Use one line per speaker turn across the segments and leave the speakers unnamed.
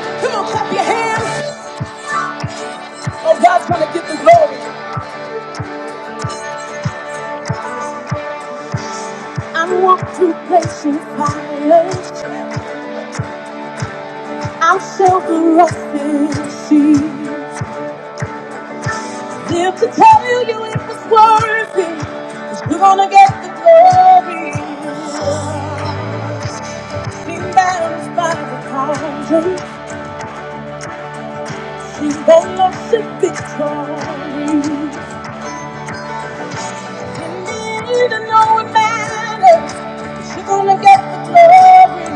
Come on, clap your hands. Oh, God's gonna get the glory. I walk through patient fire. I'll show the rough sea. Live to tell you it was worth itbecause Cause you're gonna get the glory. Seen battles by the thousand. She's gonna know she's victorious. You need to know it matters. You're gonna get the glory.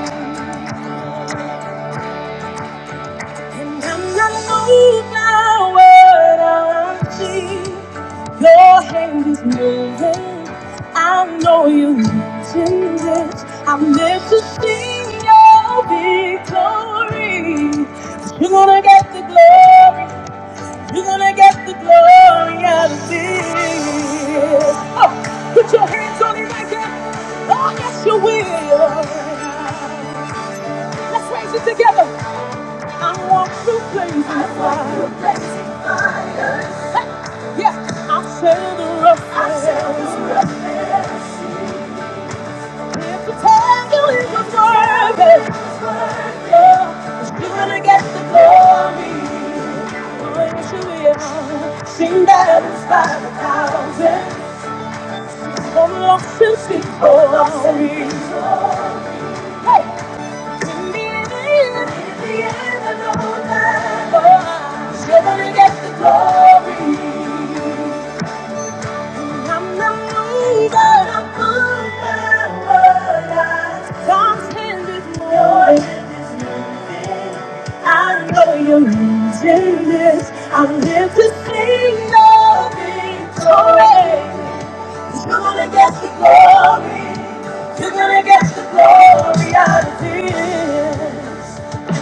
And I'm not moved by what I see. Your hand is moving. I know you're watching this. I'm there to see your victory. 'Cause You're gonna get the glory. You're gonna get the glory out of this. Oh, put your hands on it right there. Oh, yes, you will. Let's raise it together. I want to praise you. Yeah, I'll sail the rough. I'll sail the rough. If the tangle is worth it, yeah, 'cause you wanna get the glory. will she you hear? Sing that it's by the thousand. All the lost and sweet glory. Hey, in the end, in the end, I know that, oh, 'cause you going to get the glory. I know you're using this. I'm here to sing your victory. You're gonna get the glory. You're gonna get the glory out of this.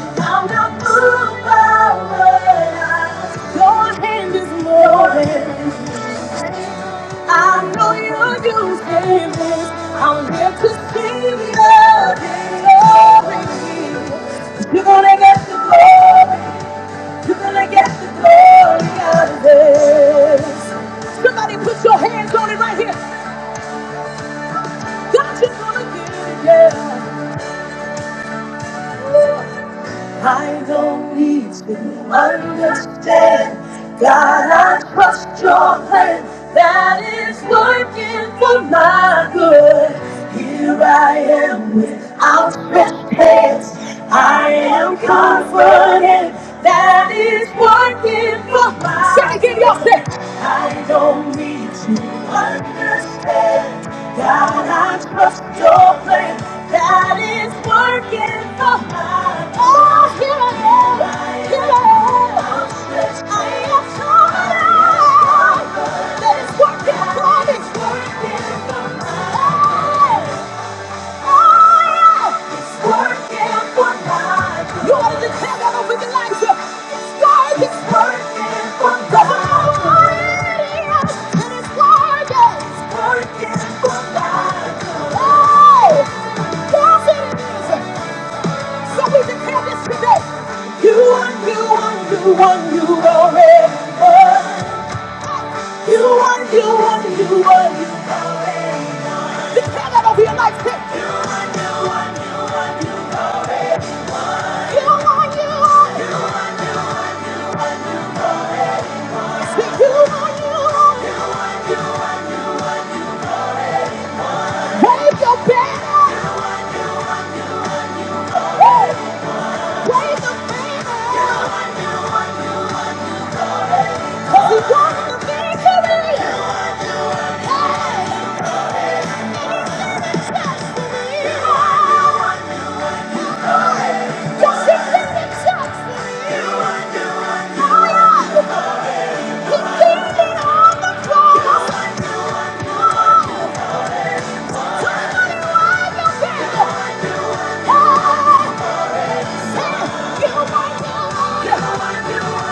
I'm not moved by what I- Your hand is moving. I know you do this. I'm here to see your glory. You're gonna get the glory. You're gonna get the glory out of this. Somebody put your hands on it right here. God, you're gonna get it, yeah. I don't need to understand. God, I trust your plan that is working for my good. Here I am with outstretched hands. I am confident that is working for my good. I don't need to understand. God, I trust your plan that is working for my good. Oh, here I am, here I am. I am so glad. that it's working for me. Hey! You ought Oh, yes So You are, you are, you are, you are You are, you are, you are, you are. Declare that over your life. You are, you are. You you you you want want want you want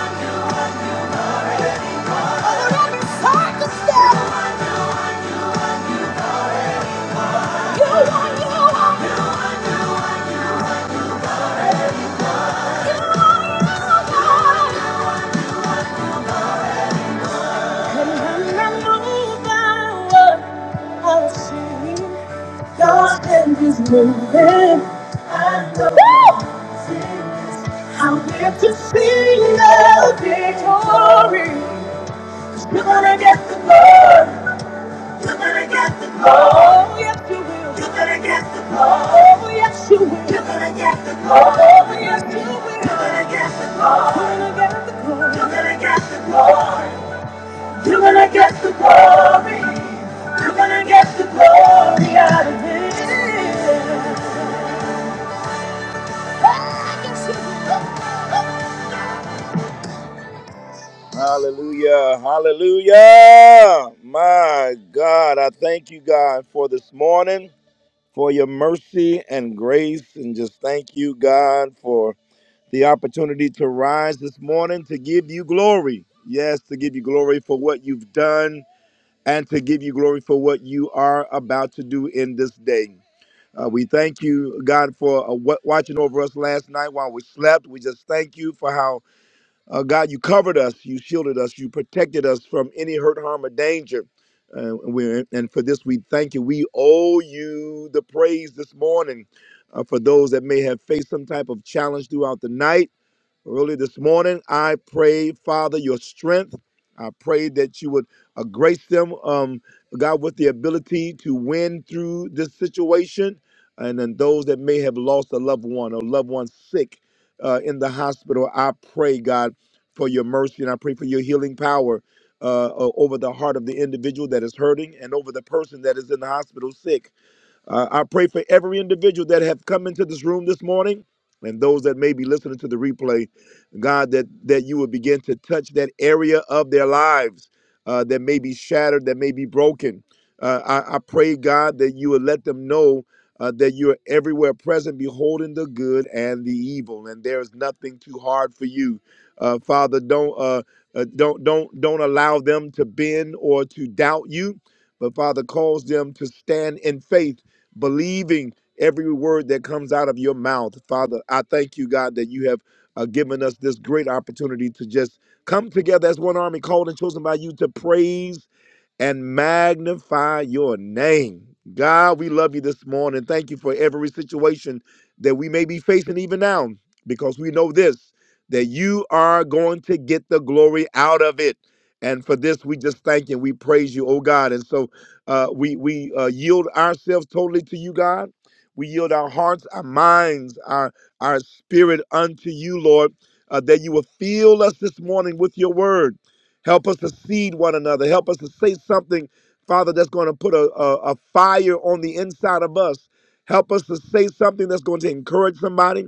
God's hand is moving. I know I'm here to see the victory. You're gonna get the glory. You're gonna get the glory. Oh, yes, you will. You're gonna get the glory. Oh, yes, you will. You're gonna get the glory. Oh, yes, you will. You're gonna get the glory. You're gonna get the glory. You're gonna get the glory. You're gonna get the glory out of it. Hallelujah. Hallelujah. My God, I thank you, God, for this morning. for your mercy and grace. And just thank you, God, for the opportunity to rise this morning to give you glory. Yes, to give you glory for what you've done and to give you glory for what you are about to do in this day. Uh, we thank you, God, for uh, wa- watching over us last night while we slept. We just thank you for how uh, God, you covered us, you shielded us, you protected us from any hurt, harm, or danger. Uh, we and for this, we thank you. We owe you the praise this morning uh, for those that may have faced some type of challenge throughout the night Really, this morning, I pray, Father, your strength. I pray that you would uh, grace them, um, God, with the ability to win through this situation. And then those that may have lost a loved one or loved one sick uh, in the hospital, I pray, God, for your mercy and I pray for your healing power uh, o- over the heart of the individual that is hurting and over the person that is in the hospital sick. Uh, I pray for every individual that have come into this room this morning and those that may be listening to the replay, God, that, that you would begin to touch that area of their lives uh, that may be shattered, that may be broken. Uh, I, I pray, God, that you would let them know uh, that you are everywhere present, beholding the good and the evil, and there is nothing too hard for you. Uh, Father, don't uh, uh, don't don't don't allow them to bend or to doubt you. But Father, cause them to stand in faith, believing every word that comes out of your mouth. Father, I thank you, God, that you have uh, given us this great opportunity to just come together as one army called and chosen by you to praise and magnify your name. God, we love you this morning. Thank you for every situation that we may be facing even now, because we know this that you are going to get the glory out of it. And for this, we just thank and we praise you, oh God. And so uh, we we uh, yield ourselves totally to you, God. We yield our hearts, our minds, our our spirit unto you, Lord, uh, that you will fill us this morning with your word. Help us to seed one another. Help us to say something, Father, that's going to put a, a, a fire on the inside of us. Help us to say something that's going to encourage somebody.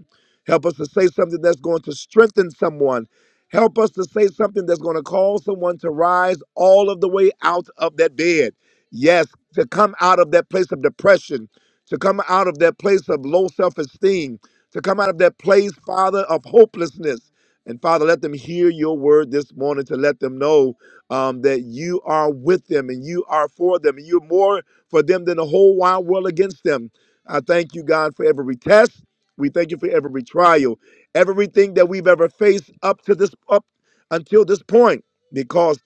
Help us to say something that's going to strengthen someone. Help us to say something that's going to cause someone to rise all of the way out of that bed. Yes, to come out of that place of depression, to come out of that place of low self esteem, to come out of that place, Father, of hopelessness. And Father, let them hear your word this morning to let them know um, that you are with them and you are for them. And you're more for them than the whole wide world against them. I thank you, God, for every test. We thank you for every trial, everything that we've ever faced up to this up until this point. because.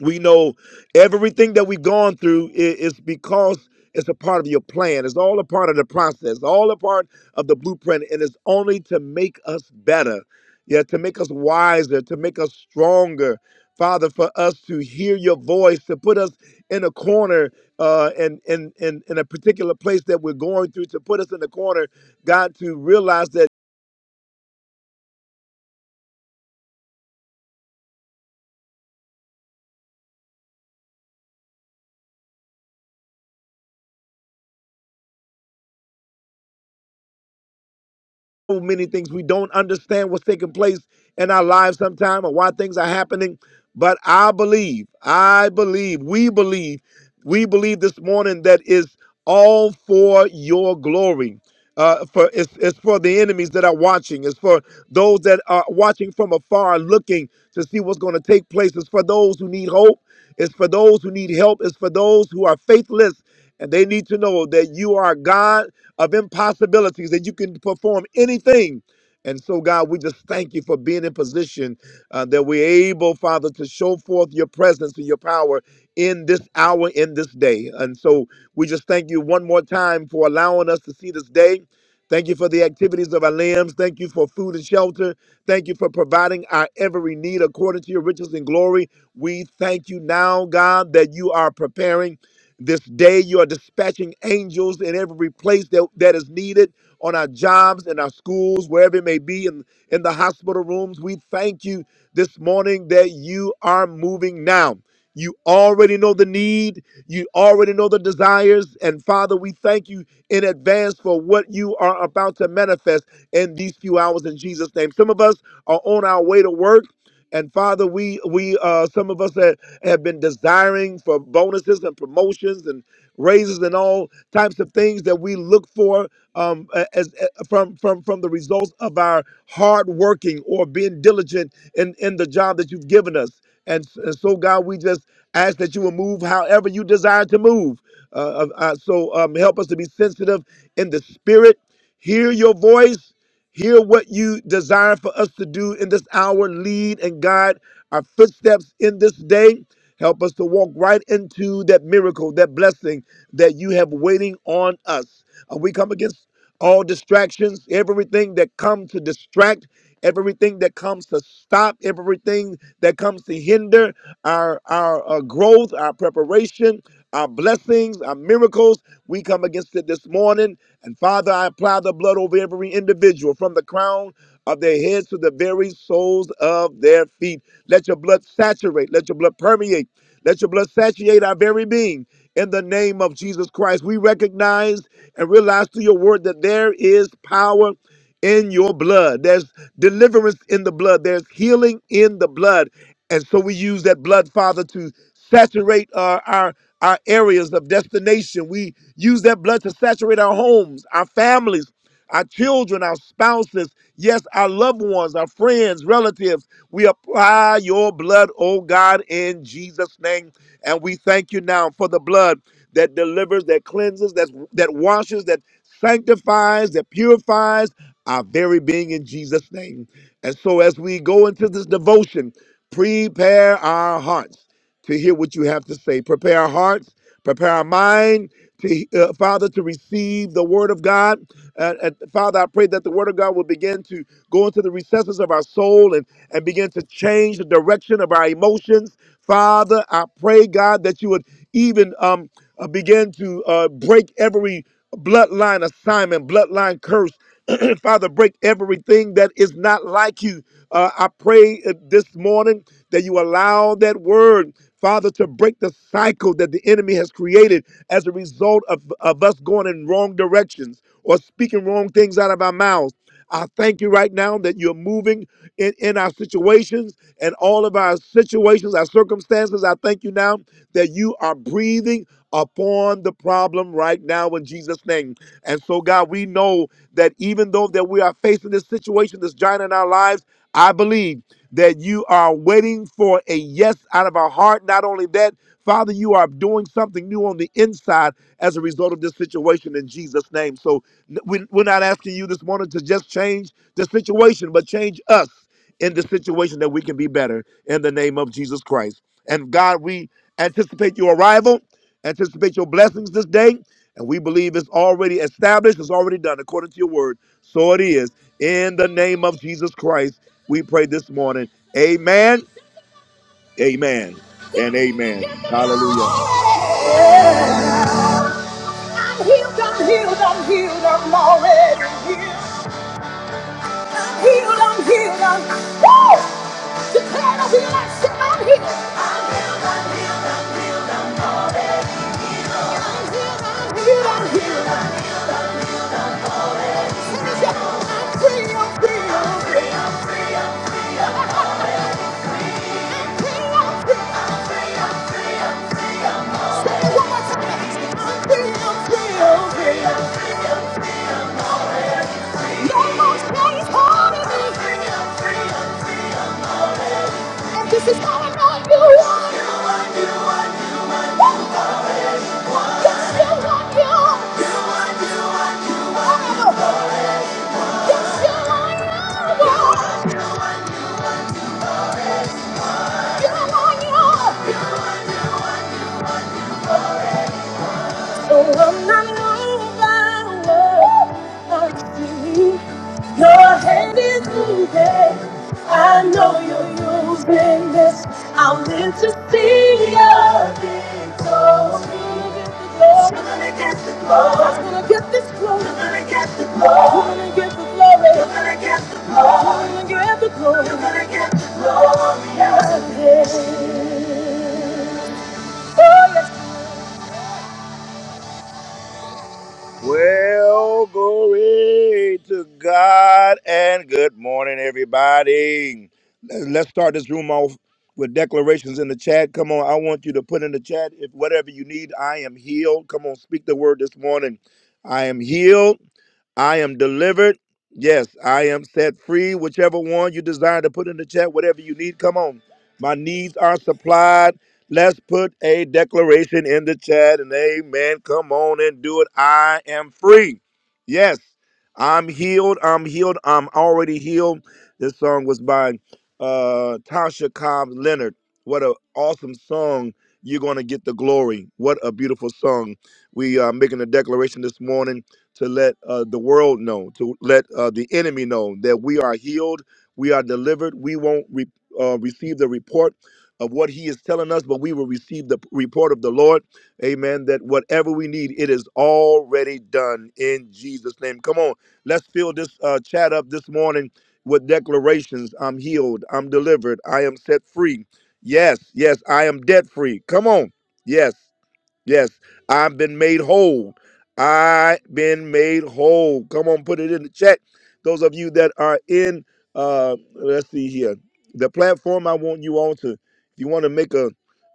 We know everything that we've gone through i- is because it's a part of your plan. It's all a part of the process, all a part of the blueprint, and it's only to make us better, yeah, to make us wiser, to make us stronger. Father, for us to hear your voice, to put us in a corner uh, and in, in, in a particular place that we're going through, to put us in a corner, God, to realize that. so many things. We don't understand what's taking place in our lives sometime or why things are happening. But I believe, I believe, we believe, we believe this morning that is all for your glory. Uh, for it's, it's for the enemies that are watching. It's for those that are watching from afar, looking to see what's going to take place. It's for those who need hope. It's for those who need help. It's for those who are faithless. And they need to know that you are a God of impossibilities, that you can perform anything. And so, God, we just thank you for being in position uh, that we're able, Father, to show forth your presence and your power in this hour, in this day. And so, we just thank you one more time for allowing us to see this day. Thank you for the activities of our limbs. Thank you for food and shelter. Thank you for providing our every need according to your riches and glory. We thank you now, God, that you are preparing. This day you are dispatching angels in every place that, that is needed on our jobs, in our schools, wherever it may be, in, in the hospital rooms. We thank you this morning that you are moving now. You already know the need. You already know the desires. And Father, we thank you in advance for what you are about to manifest in these few hours in Jesus' name. Some of us are on our way to work. And Father, we we uh, some of us that have been desiring for bonuses and promotions and raises and all types of things that we look for um, a- as a- from from from the results of our hard working or being diligent in in the job that you've given us. And, s- and so, God, we just ask that you will move however you desire to move. Uh, uh, uh, so um, help us to be sensitive in the spirit, hear your voice, Hear what you desire for us to do in this hour. Lead and guide our footsteps in this day. Help us to walk right into that miracle, that blessing that you have waiting on us. Uh, we come against all distractions, everything that come to distract everything that comes to stop, everything that comes to hinder our, our uh, growth, our preparation, our blessings, our miracles. We come against it this morning. And Father, I apply the blood over every individual from the crown of their heads to the very soles of their feet. Let your blood saturate, let your blood permeate, let your blood saturate our very being. In the name of Jesus Christ, we recognize and realize through your word that there is power in your blood. There's deliverance in the blood. There's healing in the blood. And so we use that blood, Father, to saturate our, our, our areas of destination. We use that blood to saturate our homes, our families, our children, our spouses, yes, our loved ones, our friends, relatives. We apply your blood, oh God, in Jesus' name. And we thank you now for the blood that delivers, that cleanses, that, that washes, that sanctifies, that purifies our very being in Jesus' name. And so as we go into this devotion, prepare our hearts to hear what you have to say. Prepare our hearts, prepare our mind to uh, Father to receive the word of God. And, and Father, I pray that the word of God will begin to go into the recesses of our soul and, and begin to change the direction of our emotions. Father, I pray, God, that you would even um, uh, begin to uh, break every bloodline assignment, bloodline curse. Father, break everything that is not like you. Uh, I pray uh, this morning that you allow that word, Father, to break the cycle that the enemy has created as a result of, of us going in wrong directions or speaking wrong things out of our mouths. I thank you right now that you're moving in, in our situations and all of our situations, our circumstances. I thank you now that you are breathing upon the problem right now in Jesus' name. And so, God, we know that even though that we are facing this situation, this giant in our lives, I believe that you are waiting for a yes out of our heart. Not only that, Father, you are doing something new on the inside as a result of this situation in Jesus' name. So n- we- we're not asking you this morning to just change the situation, but change us in the situation that we can be better in the name of Jesus Christ. And God, we anticipate your arrival. Anticipate your blessings this day. And we believe it's already established, it's already done according to your word. So it is. In the name of Jesus Christ, we pray this morning. Amen, amen, and amen. Hallelujah. I'm healed, I'm healed, I'm healed, I'm already healed. Healed, I'm healed, I'm Woo! Declare it over your life, I'm healed. I'm healed, I'm healed, I'm healed. Sing it, say, I'm free, I'm free, I'm free. This is how I know you want. You want, you want, you want, you want. Yes, you want you. You want, you want, you want, you want. Yes, you want you. You want, you want, you want. Oh, I'm not moved by what I see. Your hand is moving. I know you're using this. I live to see your victory. to get the glory. You're gonna get this glory. You're gonna get the glory. You're gonna get the glory. You're gonna get the glory. You're gonna get the glory. You're gonna get the glory. Yes, it is. Oh, yes, Well, glory to God and good morning, everybody. Let- Let's start this room off with declarations in the chat. Come on, I want you to put in the chat if whatever you need, I am healed. Come on, speak the word this morning. I am healed. I am delivered. Yes, I am set free. Whichever one you desire to put in the chat, whatever you need, come on. My needs are supplied. Let's put a declaration in the chat and amen. Come on and do it. I am free. Yes, I'm healed. I'm healed. I'm already healed. This song was by uh, Tasha Cobbs Leonard. What an awesome song. You're going to get the glory. What a beautiful song. We are making a declaration this morning to let uh, the world know, to let uh, the enemy know that we are healed, we are delivered. We won't re- uh, receive the report of what he is telling us, but we will receive the report of the Lord. Amen. That whatever we need, it is already done in Jesus' name. Come on, let's fill this uh, chat up this morning with declarations I'm healed, I'm delivered, I am set free. Yes, yes, I am debt free. Come on. Yes. Yes, I've been made whole. I been made whole. Come on, put it in the chat. Those of you that are in, uh, let's see here, the platform. I want you all to, if you want to make a,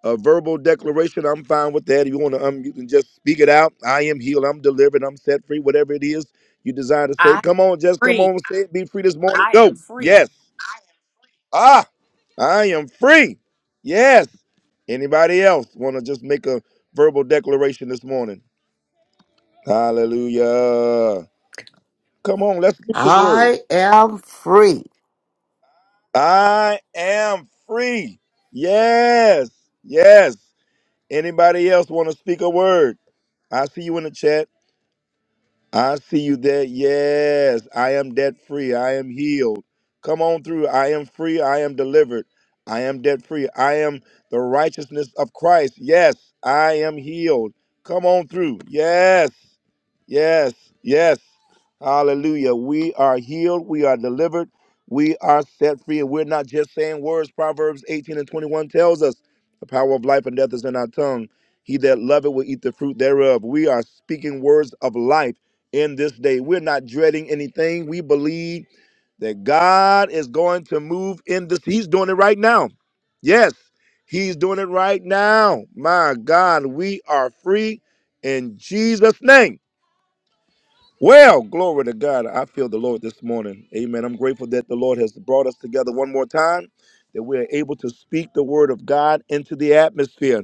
a verbal declaration, I'm fine with that. If you want to um, you can just speak it out, I am healed. I'm delivered. I'm set free. Whatever it is you desire to say,
I
come on, just come
free.
on, say it. Be free this morning.
I am
Go.
free.
Yes. Ah. I am free. Yes. Anybody else want to just make a verbal declaration this morning? Hallelujah. Come on, let's speak this word.
I am free.
I am free. Yes. Yes. Anybody else want to speak a word? I see you in the chat. I see you there. Yes, I am debt free. I am healed. Come on through. I am free. I am delivered. I am debt free. I am the righteousness of Christ. Yes, I am healed. Come on through. Yes, yes, yes. Hallelujah. We are healed. We are delivered. We are set free. And we're not just saying words. Proverbs 18 and 21 tells us the power of life and death is in our tongue. He that loveth will eat the fruit thereof. We are speaking words of life in this day. We're not dreading anything. We believe that God is going to move in this. He's doing it right now. Yes, He's doing it right now. My God, we are free in Jesus' name. Well, glory to God. I feel the Lord this morning. Amen. I'm grateful that the Lord has brought us together one more time, that we are able to speak the word of God into the atmosphere.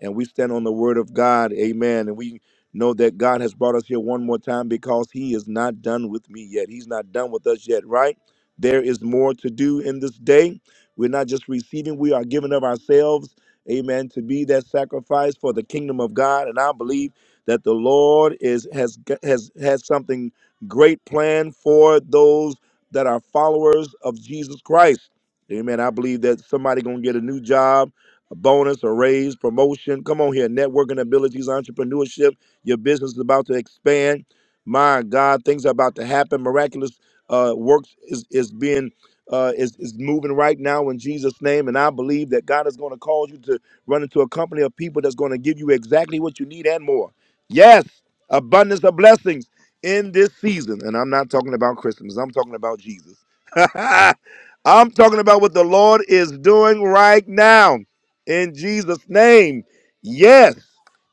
And we stand on the word of God. Amen. And we know that God has brought us here one more time because he is not done with me yet. He's not done with us yet, right? There is more to do in this day. We're not just receiving, we are giving of ourselves. Amen. To be that sacrifice for the kingdom of God. And I believe that the Lord is has has has something great planned for those that are followers of Jesus Christ. Amen. I believe that somebody gonna get a new job, a bonus, a raise, promotion. Come on here, networking abilities, entrepreneurship. Your business is about to expand. My God, things are about to happen. Miraculous uh, works is is being uh, is is moving right now in Jesus' name, and I believe that God is going to cause you to run into a company of people that's going to give you exactly what you need and more. Yes, abundance of blessings in this season. And I'm not talking about Christmas, I'm talking about Jesus. I'm talking about what the Lord is doing right now in Jesus' name. Yes,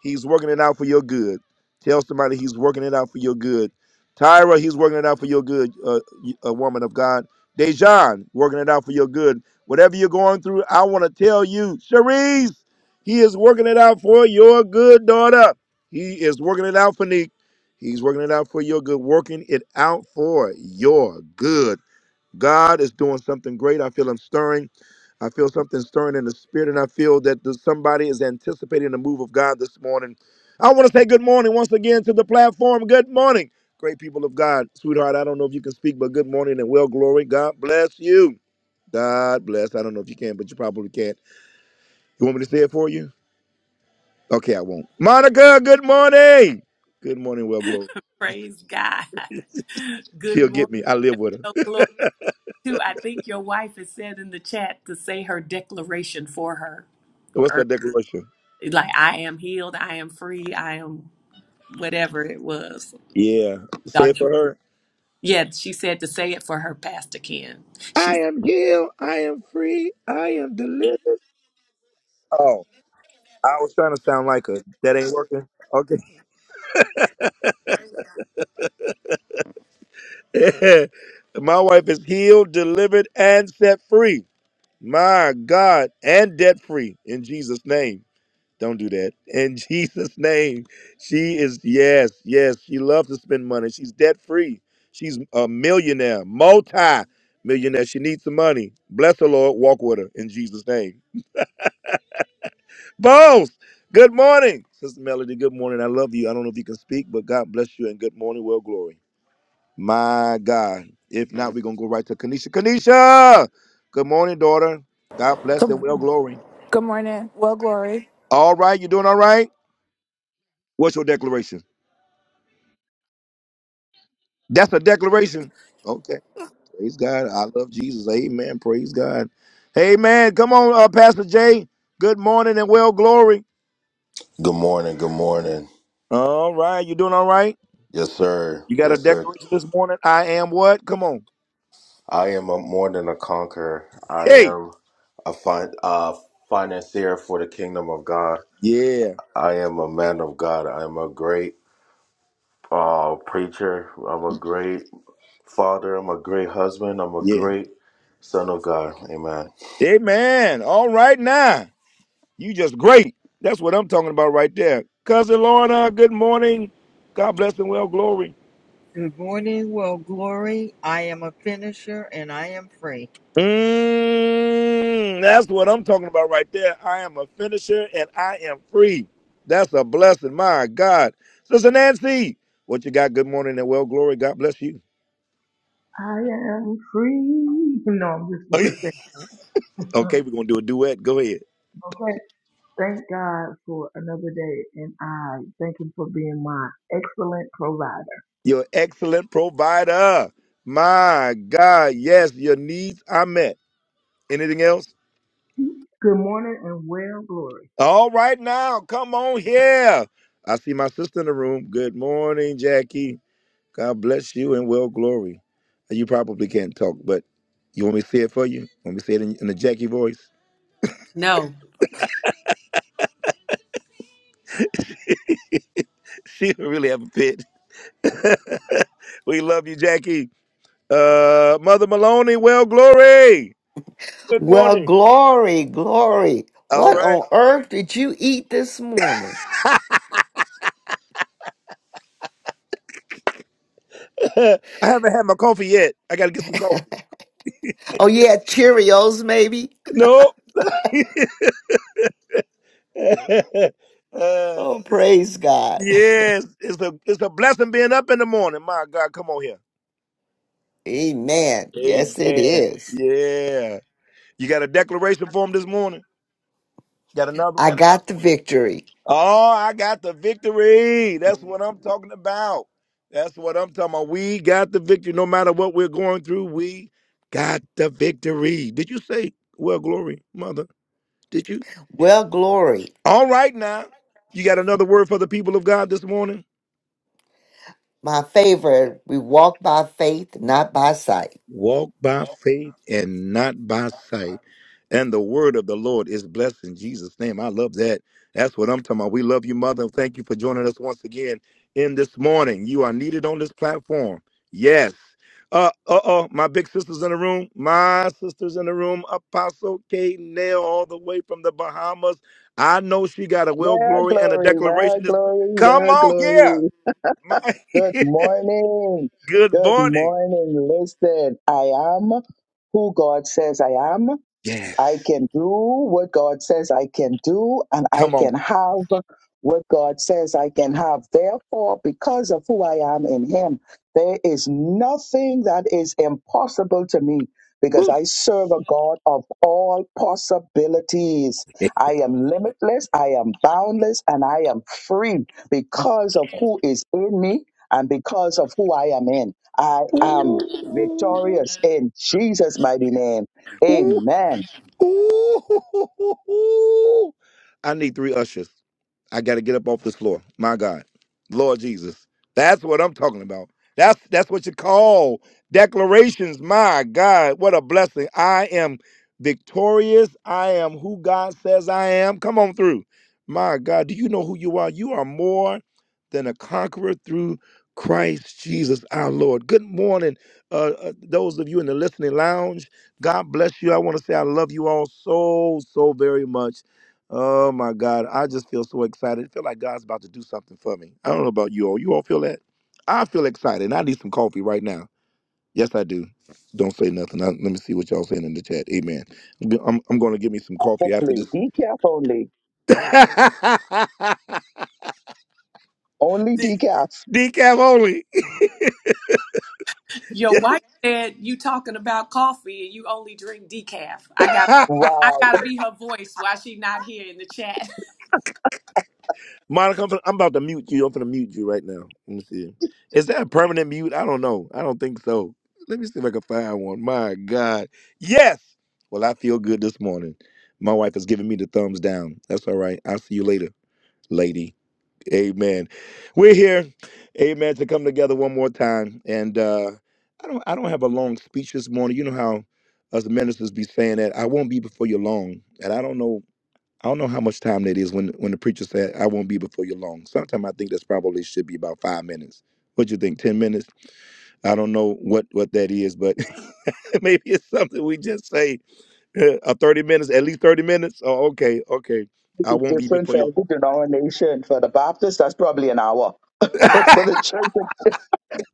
He's working it out for your good. Tell somebody He's working it out for your good. Tyra, He's working it out for your good, uh, y- a woman of God. Dejan, working it out for your good. Whatever you're going through, I want to tell you, Cherise, He is working it out for your good, daughter. He is working it out for Nick. He's working it out for your good, working it out for your good. God is doing something great. I feel him stirring. I feel something stirring in the spirit, and I feel that there's somebody is anticipating the move of God this morning. I want to say good morning once again to the platform. Good morning, great people of God. Sweetheart, I don't know if you can speak, but good morning and well glory. God bless you. God bless. I don't know if you can, but you probably can't. You want me to say it for you? Okay, I won't. Monica, good morning. Good morning, well glory.
Praise God. Good
She'll
morning.
get me. I live with her.
Oh, glory. Too, I think your wife has said in the chat to say her declaration for her.
What's her
Or
declaration?
like I am healed, I am free, I am whatever it was.
Yeah. Say it
Thought you
for her.
yeah, she said to say it for her, Pastor Ken.
I
She's
am healed. I am free. I am delivered. Oh, I was trying to sound like her. That ain't working. Okay. My wife is healed, delivered, and set free. My God, and debt free in Jesus' name. Don't do that. In Jesus' name, she is, yes, yes, she loves to spend money. She's debt free. She's a millionaire, multi millionaire. She needs some money. Bless her, Lord. Walk with her in Jesus' name. Bones, good morning. Sister Melody, good morning. I love you. I don't know if you can speak, but God bless you and good morning. Well, glory. My God. If not, we're going to go right to Kanisha. Kanisha, good morning, daughter. God bless and
Good,
well, glory.
good morning. Well, Glory.
All right, you doing all right? What's your declaration? That's a declaration. Okay. Praise God. I love Jesus. Amen. Praise God. Amen. Come on, uh, Pastor Jay. Good morning and well glory.
Good morning. Good morning.
All right. You doing all right?
Yes, sir.
You got a
Yes, sir.
declaration this morning? I am what? Come on.
I am a, more than a conqueror. I
Hey.
am a fin- uh, financier for the kingdom of God.
Yeah.
I am a man of God. I am a great uh, preacher. I'm a great father. I'm a great husband. I'm a
Yeah.
great son of God. Amen.
Amen. All right now. You just great. That's what I'm talking about right there. Cousin Lorna, good morning. God bless and well glory.
Good morning, well, glory. I am a finisher and I am free.
Mm, that's what I'm talking about right there. I am a finisher and I am free. That's a blessing. My God. Sister Nancy, what you got? Good morning and well glory. God bless you.
I am free. No, I'm just
okay,
going to say,
we're
uh,
going to do a duet. Go ahead.
okay. Thank God for another day, and I thank Him for being my excellent provider.
Your excellent provider. My God. Yes, your needs are met. Anything else?
Good morning and well, glory.
All right, now, come on here. I see my sister in the room. Good morning, Jackie. God bless you and well glory. You probably can't talk, but you want me to say it for you? Want me to say it in, in the Jackie voice?
no.
She don't really have a fit. We love you, Jackie. Uh, Mother Maloney, well glory. Good
Well,
morning.
glory, glory.
All
What
right.
on earth did you eat this morning?
I haven't had my coffee yet. I got to get some coffee.
Oh, yeah, Cheerios, maybe?
No. uh,
Oh, praise God.
yes, it's a it's a blessing being up in the morning. My God, come on here.
Amen. Yes, it
Amen.
is.
Yeah. You got a declaration for him this morning? Got another
I
one?
got the victory.
Oh, I got the victory. That's what I'm talking about. That's what I'm talking about. We got the victory. No matter what we're going through, we got the victory. Did you say, well, glory, mother? Did you?
Well, glory.
All right, now. You got another word for the people of God this morning?
My favorite, we walk by faith, not by sight.
Walk by faith and not by sight. And the word of the Lord is blessed in Jesus' name. I love that. That's what I'm talking about. We love you, Mother. Thank you for joining us once again in this morning. You are needed on this platform. Yes. Uh uh oh, my big sisters in the room, my sisters in the room, Apostle K Nail, all the way from the Bahamas. I know she got a will
Well,
glory and a
glory, well,
declaration this mo-
glory,
Come
well,
on here.
glory.
My
Good morning.
Good
Good
morning.
morning. Listen, I am who God says I am.
Yes.
I can do what God says I can do, and I
Come on.
can have what God says I can have. Therefore, because of who I am in Him, there is nothing that is impossible to me because
Woo.
I serve a God of all possibilities. I am limitless, I am boundless, and I am free because of who is in me and because of who I am in. I
Ooh,
am victorious in Jesus' mighty name. Amen.
ooh, ooh. I need three ushers. I got to get up off this floor. My God, Lord Jesus, that's what I'm talking about. That's that's what you call declarations. My God, what a blessing! I am victorious. I am who God says I am. Come on through. My God, do you know who you are? You are more than a conqueror through Christ Jesus our Lord. Good morning, uh, uh, those of you in the listening lounge. God bless you. I want to say I love you all so, so very much. Oh my God. I just feel so excited. I feel like God's about to do something for me. I don't know about you all. You all feel that? I feel excited and I need some coffee right now. Yes, I do. Don't say nothing. I, let me see what y'all saying in the chat. Amen. I'm, I'm, going to give me some coffee after
Only
this.
decaf only. Only
De-
decaf.
Decaf only.
Your wife said you talking about coffee and you only drink decaf. I got I
Wow.
gotta be her voice while she not here in the chat.
Monica, I'm, fin- I'm about to mute you. I'm gonna mute you right now. Let me see. Is that a permanent mute? I don't know. I don't think so. Let me see if I can find one. My God. Yes. Well, I feel good this morning. My wife is giving me the thumbs down. That's all right. I'll see you later, lady. Amen. We're here, amen, to come together one more time. And uh, I don't, I don't have a long speech this morning. You know how us ministers be saying that I won't be before you long. And I don't know I don't know how much time that is when when the preacher said, "I won't be before you long." Sometimes I think that's probably should be about five minutes. What you think? Ten minutes? I don't know what what that is, but maybe it's something we just say. Uh, uh, thirty minutes, at least thirty minutes. Oh, okay, okay. I
It's
won't be
different
before
for
you.
every denomination. For the Baptist, that's probably an hour. But
oh,
for the church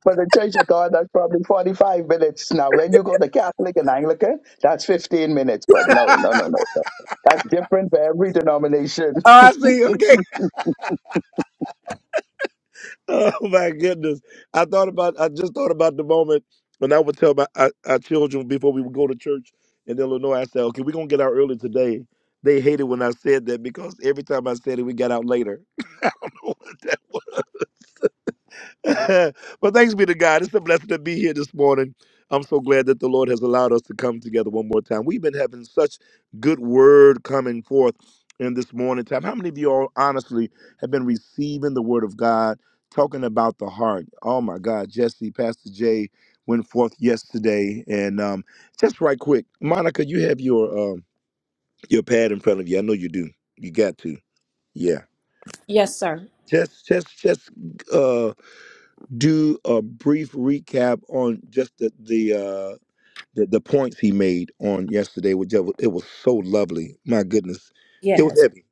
for the church of God, that's probably forty five minutes. Now when you go to Catholic and Anglican, that's fifteen minutes. But no, no, no, no. that- That's different for every denomination.
I see. Okay. Oh my goodness! I thought about. I just thought about the moment when I would tell my our, our children before we would go to church in Illinois. I said, "Okay, we're gonna get out early today." They hated when I said that because every time I said it, we got out later. But thanks be to God. It's a blessing to be here this morning. I'm so glad that the Lord has allowed us to come together one more time. We've been having such good word coming forth in this morning time. How many of you all honestly have been receiving the word of God, talking about the heart? Oh my God, Jesse, Pastor Jay went forth yesterday, and um, just right quick, Monica, you have your um, your pad in front of you. I know you do. You got to, yeah.
Yes, sir.
Just, just, just. uh do a brief recap on just the the uh, the, the points he made on yesterday? Which it was, it was so lovely. My goodness, it was heavy.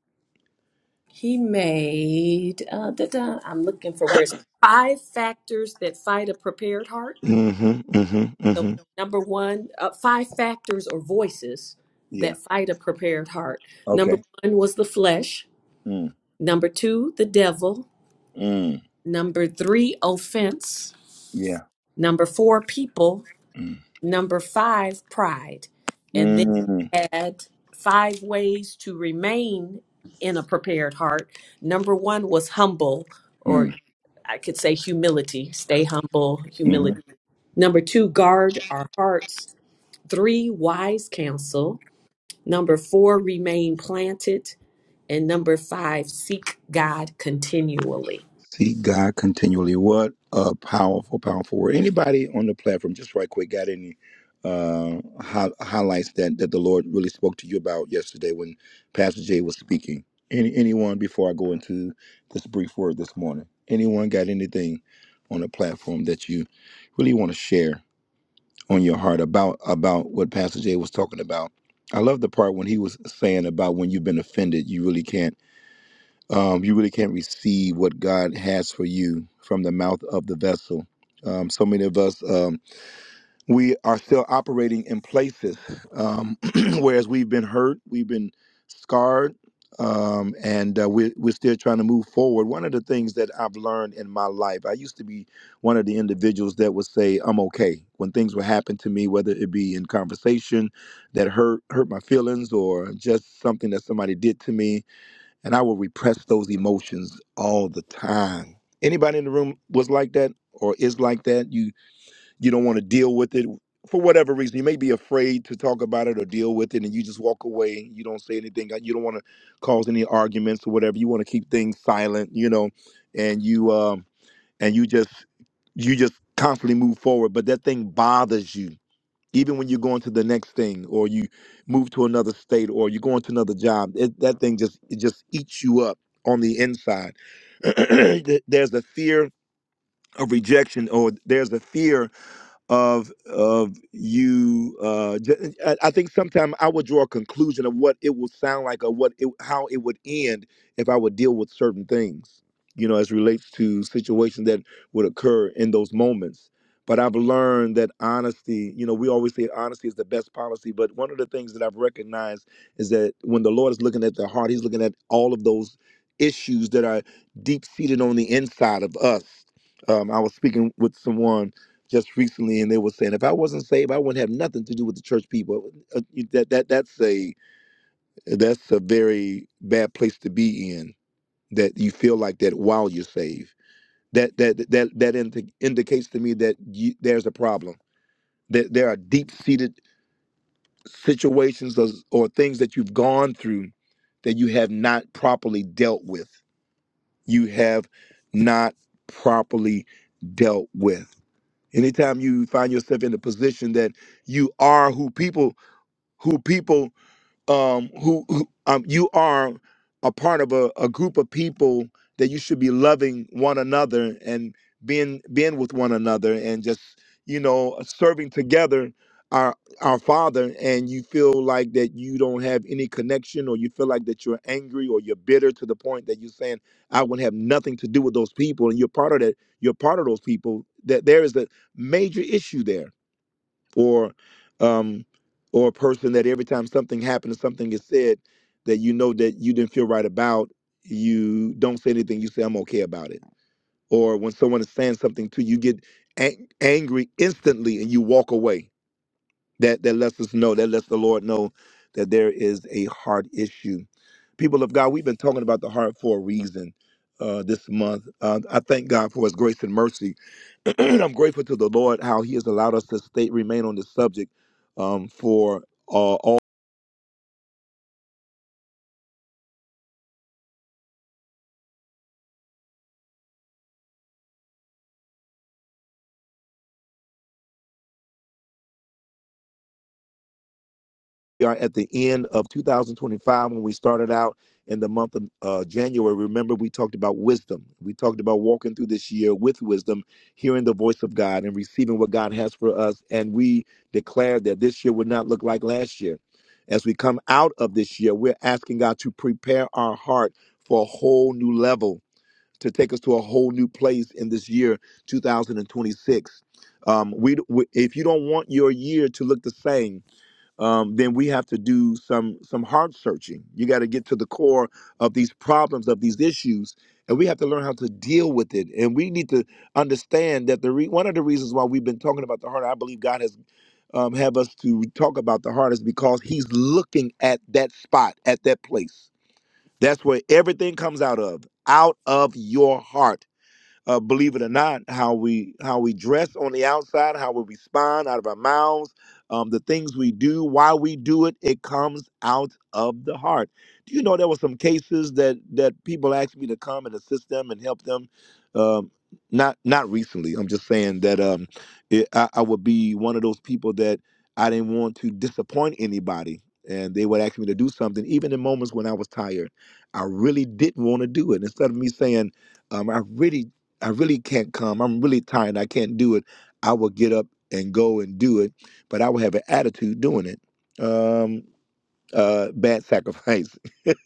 He made, uh, da, da, I'm looking for where it's five factors that fight a prepared heart.
Mm-hmm. Mm-hmm.
The
Mm-hmm.
number one, uh, five factors or voices
Yeah.
that fight a prepared heart. Number
Okay.
one was the flesh.
Mm.
Number two, the devil.
Mm.
Number three, offense.
Yeah.
Number four, people.
Mm.
Number five, pride. And then
Mm-hmm.
had five ways to remain in a prepared heart. Number one was humble, or I could say humility, stay humble,
Mm.
humility. Number two, guard our hearts. Three, wise counsel. Number four, remain planted. And number five, seek God continually.
See God continually. What a powerful, powerful word. Anybody on the platform, just right quick, got any uh, hi- highlights that, that the Lord really spoke to you about yesterday when Pastor Jay was speaking? Any anyone before I go into this brief word this morning? Anyone got anything on the platform that you really want to share on your heart about about what Pastor Jay was talking about? I love the part when he was saying about when you've been offended, you really can't um, you really can't receive what God has for you from the mouth of the vessel. Um, so many of us, um, we are still operating in places, um, whereas we've been hurt, we've been scarred, um, and uh, we're, we're still trying to move forward. One of the things that I've learned in my life, I used to be one of the individuals that would say, I'm okay. When things would happen to me, whether it be in conversation that hurt, hurt my feelings or just something that somebody did to me, and I will repress those emotions all the time. Anybody in the room was like that or is like that? You you don't want to deal with it for whatever reason. You may be afraid to talk about it or deal with it, and you just walk away. You don't say anything. Uh, You don't want to cause any arguments or whatever. You want to keep things silent, you know, and you um and you just you just constantly move forward, but that thing bothers you even when you're going to the next thing or you move to another state or you're going to another job it, that thing just it just eats you up on the inside Th- there's a fear of rejection or there's a fear of of you uh j- i I think sometimes i would draw a conclusion of what it would sound like or what it how it would end if i would deal with certain things you know as relates to situations that would occur in those moments but i've learned that honesty you know we always say honesty is the best policy but one of the things that i've recognized is that when the lord is looking at the heart he's looking at all of those issues that are deep seated on the inside of us um, i was speaking with someone just recently, and they were saying, if I wasn't saved, I wouldn't have nothing to do with the church people. Uh, you- That that that's a that's a very bad place to be in. That you feel like that while you're saved. That that that that indi- indicates to me that you, there's a problem. That there are deep seated situations or, or things that you've gone through that you have not properly dealt with. You have not properly dealt with anytime you find yourself in a position that you are who people who people um, who, who um, you are a part of a, a group of people that you should be loving one another and being being with one another and just you know serving together our our father and you feel like that you don't have any connection or you feel like that you're angry or you're bitter to the point that you're saying i would have nothing to do with those people and you're part of that you're part of those people that there is a major issue there or um or a person that every time something happens something is said that you know that you didn't feel right about you don't say anything you say i'm okay about it or when someone is saying something to you you get ang- angry instantly and you walk away that that lets us know that lets the lord know that there is a heart issue people of god we've been talking about the heart for a reason uh, this month uh, i thank god for his grace and mercy I'm grateful to the Lord how He has allowed us to stay remain on this subject um, for uh, all. We are at the end of 2025 when we started out in the month of uh, January. Remember, we talked about wisdom. We talked about walking through this year with wisdom, hearing the voice of God, and receiving what God has for us. And we declared that this year would not look like last year. As we come out of this year, we're asking God to prepare our heart for a whole new level to take us to a whole new place in this year 2026 um, we, we if you don't want your year to look the same um, then we have to do some some heart searching you got to get to the core of these problems of these issues and we have to learn how to deal with it and we need to understand that the re- one of the reasons why we've been talking about the heart i believe god has um, have us to talk about the heart is because he's looking at that spot at that place that's where everything comes out of out of your heart uh, believe it or not, how we how we dress on the outside, how we respond out of our mouths, um, the things we do, why we do it, it comes out of the heart. Do you know there were some cases that that people asked me to come and assist them and help them? Um, not not recently. I'm just saying that um, it, I, I would be one of those people that I didn't want to disappoint anybody. And they would ask me to do something, even in moments when I was tired. I really didn't want to do it. Instead of me saying, um, I really I really can't come. I'm really tired. I can't do it. I will get up and go and do it, but I will have an attitude doing it. Um, uh, bad sacrifice. it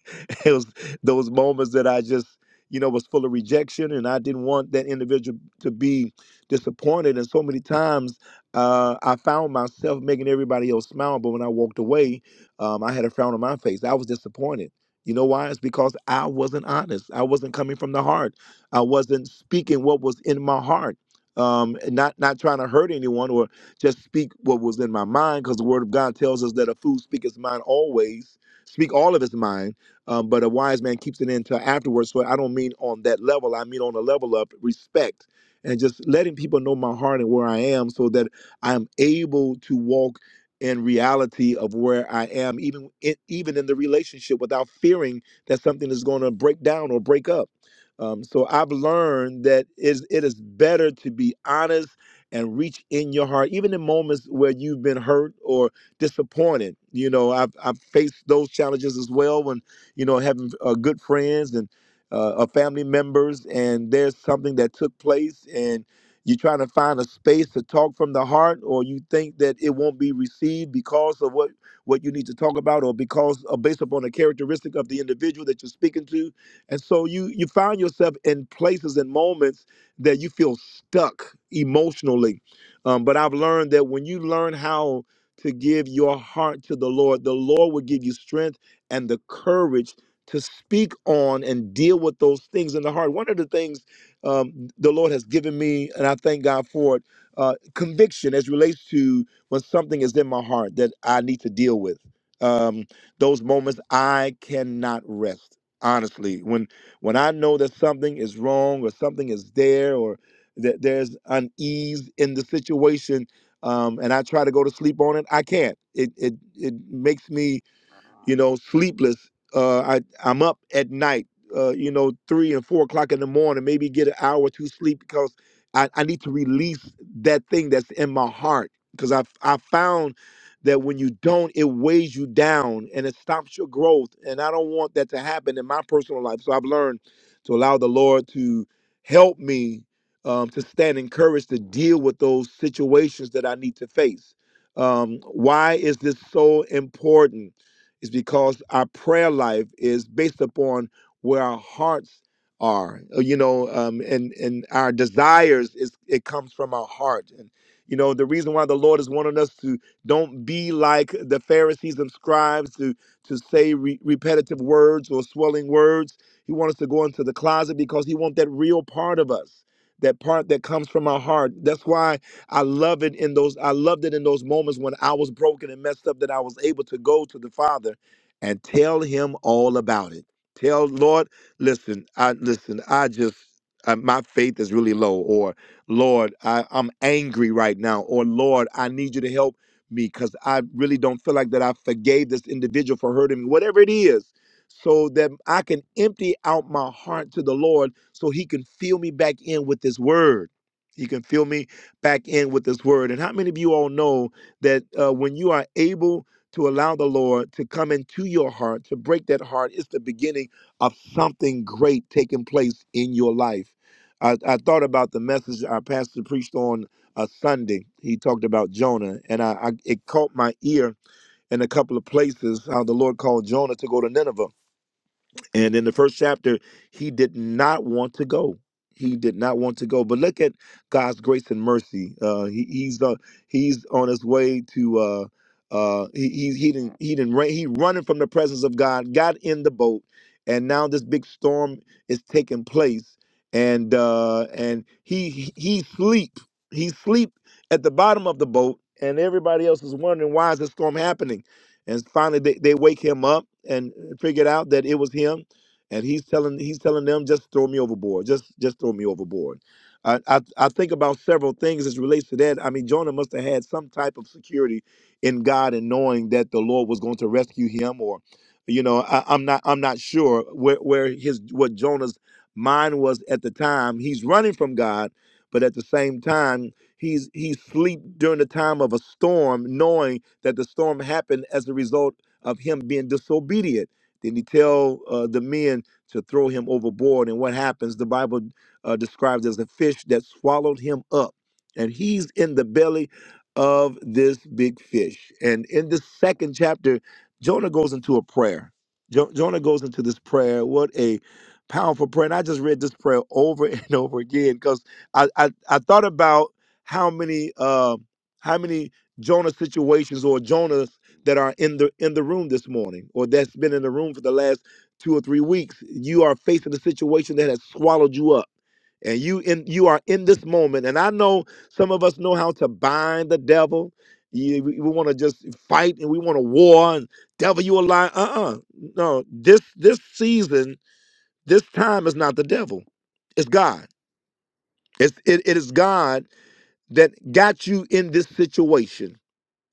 was those moments that I just, you know, was full of rejection, and I didn't want that individual to be disappointed. And so many times, uh, I found myself making everybody else smile, but when I walked away, um, I had a frown on my face. I was disappointed. You know why? It's because I wasn't honest. I wasn't coming from the heart. I wasn't speaking what was in my heart. Um, and not not trying to hurt anyone or just speak what was in my mind because the word of God tells us that a fool speaketh mind always, speak all of his mind, um, but a wise man keeps it in until afterwards. So I don't mean on that level, I mean on a level of respect and just letting people know my heart and where I am so that I'm able to walk in reality of where I am, even in, even in the relationship without fearing that something is going to break down or break up. Um, so I've learned that is it is better to be honest and reach in your heart, even in moments where you've been hurt or disappointed. You know, I've, I've faced those challenges as well when, you know, having uh, good friends and uh, uh, family members, and there's something that took place, and you're trying to find a space to talk from the heart, or you think that it won't be received because of what what you need to talk about, or because uh, based upon the characteristic of the individual that you're speaking to, and so you you find yourself in places and moments that you feel stuck emotionally. Um, but I've learned that when you learn how to give your heart to the Lord, the Lord will give you strength and the courage to speak on and deal with those things in the heart. One of the things um, the Lord has given me, and I thank God for it, uh, conviction as relates to when something is in my heart that I need to deal with. Um, those moments I cannot rest. Honestly, when I know that something is wrong or something is there or that there's unease in the situation, um, and I try to go to sleep on it, I can't. It it it makes me you know, sleepless. Uh, I I'm up at night, uh, you know, three and four o'clock in the morning. Maybe get an hour or two sleep because I, I need to release that thing that's in my heart. Because I I found that when you don't, it weighs you down and it stops your growth. And I don't want that to happen in my personal life. So I've learned to allow the Lord to help me um, to stand encouraged to deal with those situations that I need to face. Um, why is this so important? is because our prayer life is based upon where our hearts are uh, you know um, and and our desires is it comes from our heart and you know the reason why the lord is wanting us to don't be like the pharisees and scribes to to say re- repetitive words or swelling words he wants us to go into the closet because he wants that real part of us that part that comes from our heart that's why I love it in those I loved it in those moments when I was broken and messed up that I was able to go to the Father and tell him all about it. Tell Lord, listen, I listen, I just uh, my faith is really low or Lord, I, I'm angry right now or Lord, I need you to help me cuz I really don't feel like that I forgave this individual for hurting me. Whatever it is, so that I can empty out my heart to the Lord so he can fill me back in with his word. He can fill me back in with this word. And how many of you all know that uh, when you are able to allow the Lord to come into your heart, to break that heart, it's the beginning of something great taking place in your life. I, I thought about the message our pastor preached on a Sunday. He talked about Jonah, and I, I it caught my ear in a couple of places how the Lord called Jonah to go to Nineveh. And in the first chapter, he did not want to go. He did not want to go. But look at God's grace and mercy. Uh, he, he's uh, he's on his way to. Uh, uh, he he he didn't he didn't ra- he running from the presence of God. Got in the boat, and now this big storm is taking place. And uh, and he he he sleep he sleep at the bottom of the boat, and everybody else is wondering why is this storm happening. And finally, they, they wake him up and figured out that it was him and he's telling he's telling them just throw me overboard just just throw me overboard I, I i think about several things as relates to that i mean jonah must have had some type of security in god and knowing that the lord was going to rescue him or you know I, i'm not i'm not sure where where his what jonah's mind was at the time he's running from god but at the same time he's he's sleep during the time of a storm knowing that the storm happened as a result of him being disobedient did he tell uh, the men to throw him overboard? And what happens? The Bible uh, describes as a fish that swallowed him up, and he's in the belly of this big fish. And in this second chapter, Jonah goes into a prayer. Jo- Jonah goes into this prayer. What a powerful prayer! And I just read this prayer over and over again because I, I I thought about how many uh, how many Jonah situations or Jonah that are in the in the room this morning or that's been in the room for the last two or three weeks you are facing a situation that has swallowed you up and you in you are in this moment and i know some of us know how to bind the devil you, we want to just fight and we want to war and devil you a lie uh-uh no this this season this time is not the devil it's god it's, it, it is god that got you in this situation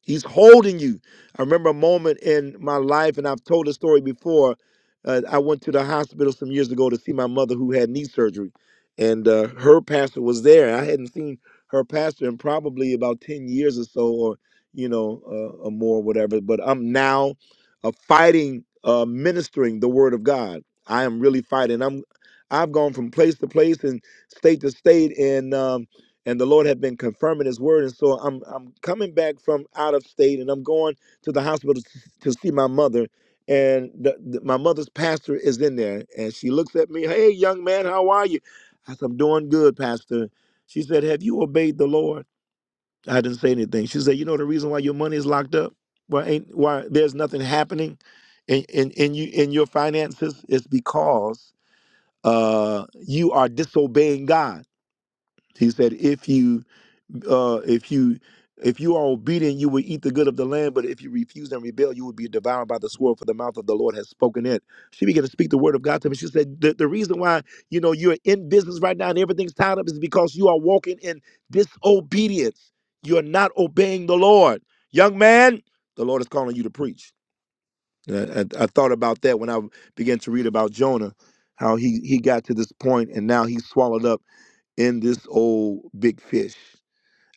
He's holding you. I remember a moment in my life, and I've told the story before. Uh, I went to the hospital some years ago to see my mother who had knee surgery, and uh, her pastor was there. I hadn't seen her pastor in probably about 10 years or so, or, you know, uh, or more, whatever. But I'm now uh, fighting, uh, ministering the word of God. I am really fighting. I'm, I've gone from place to place and state to state, and um, and the Lord had been confirming His word. And so I'm I'm coming back from out of state, and I'm going to the hospital to, to see my mother. And the, the- my mother's pastor is in there, and she looks at me. Hey, young man, how are you? I said, I'm doing good, pastor. She said, Have you obeyed the Lord? I didn't say anything. She said, You know the reason why your money is locked up? Why ain't why there's nothing happening in in, in you in your finances? It's because uh, you are disobeying God. He said, If you uh, if you if you are obedient, you will eat the good of the land. But if you refuse and rebel, you will be devoured by the sword. For the mouth of the Lord has spoken it. She began to speak the word of God to me. She said, "The, the reason why you know you're in business right now and everything's tied up is because you are walking in disobedience. You are not obeying the Lord, young man. The Lord is calling you to preach." And I, I, I thought about that when I began to read about Jonah, how he he got to this point and now he's swallowed up in this old big fish.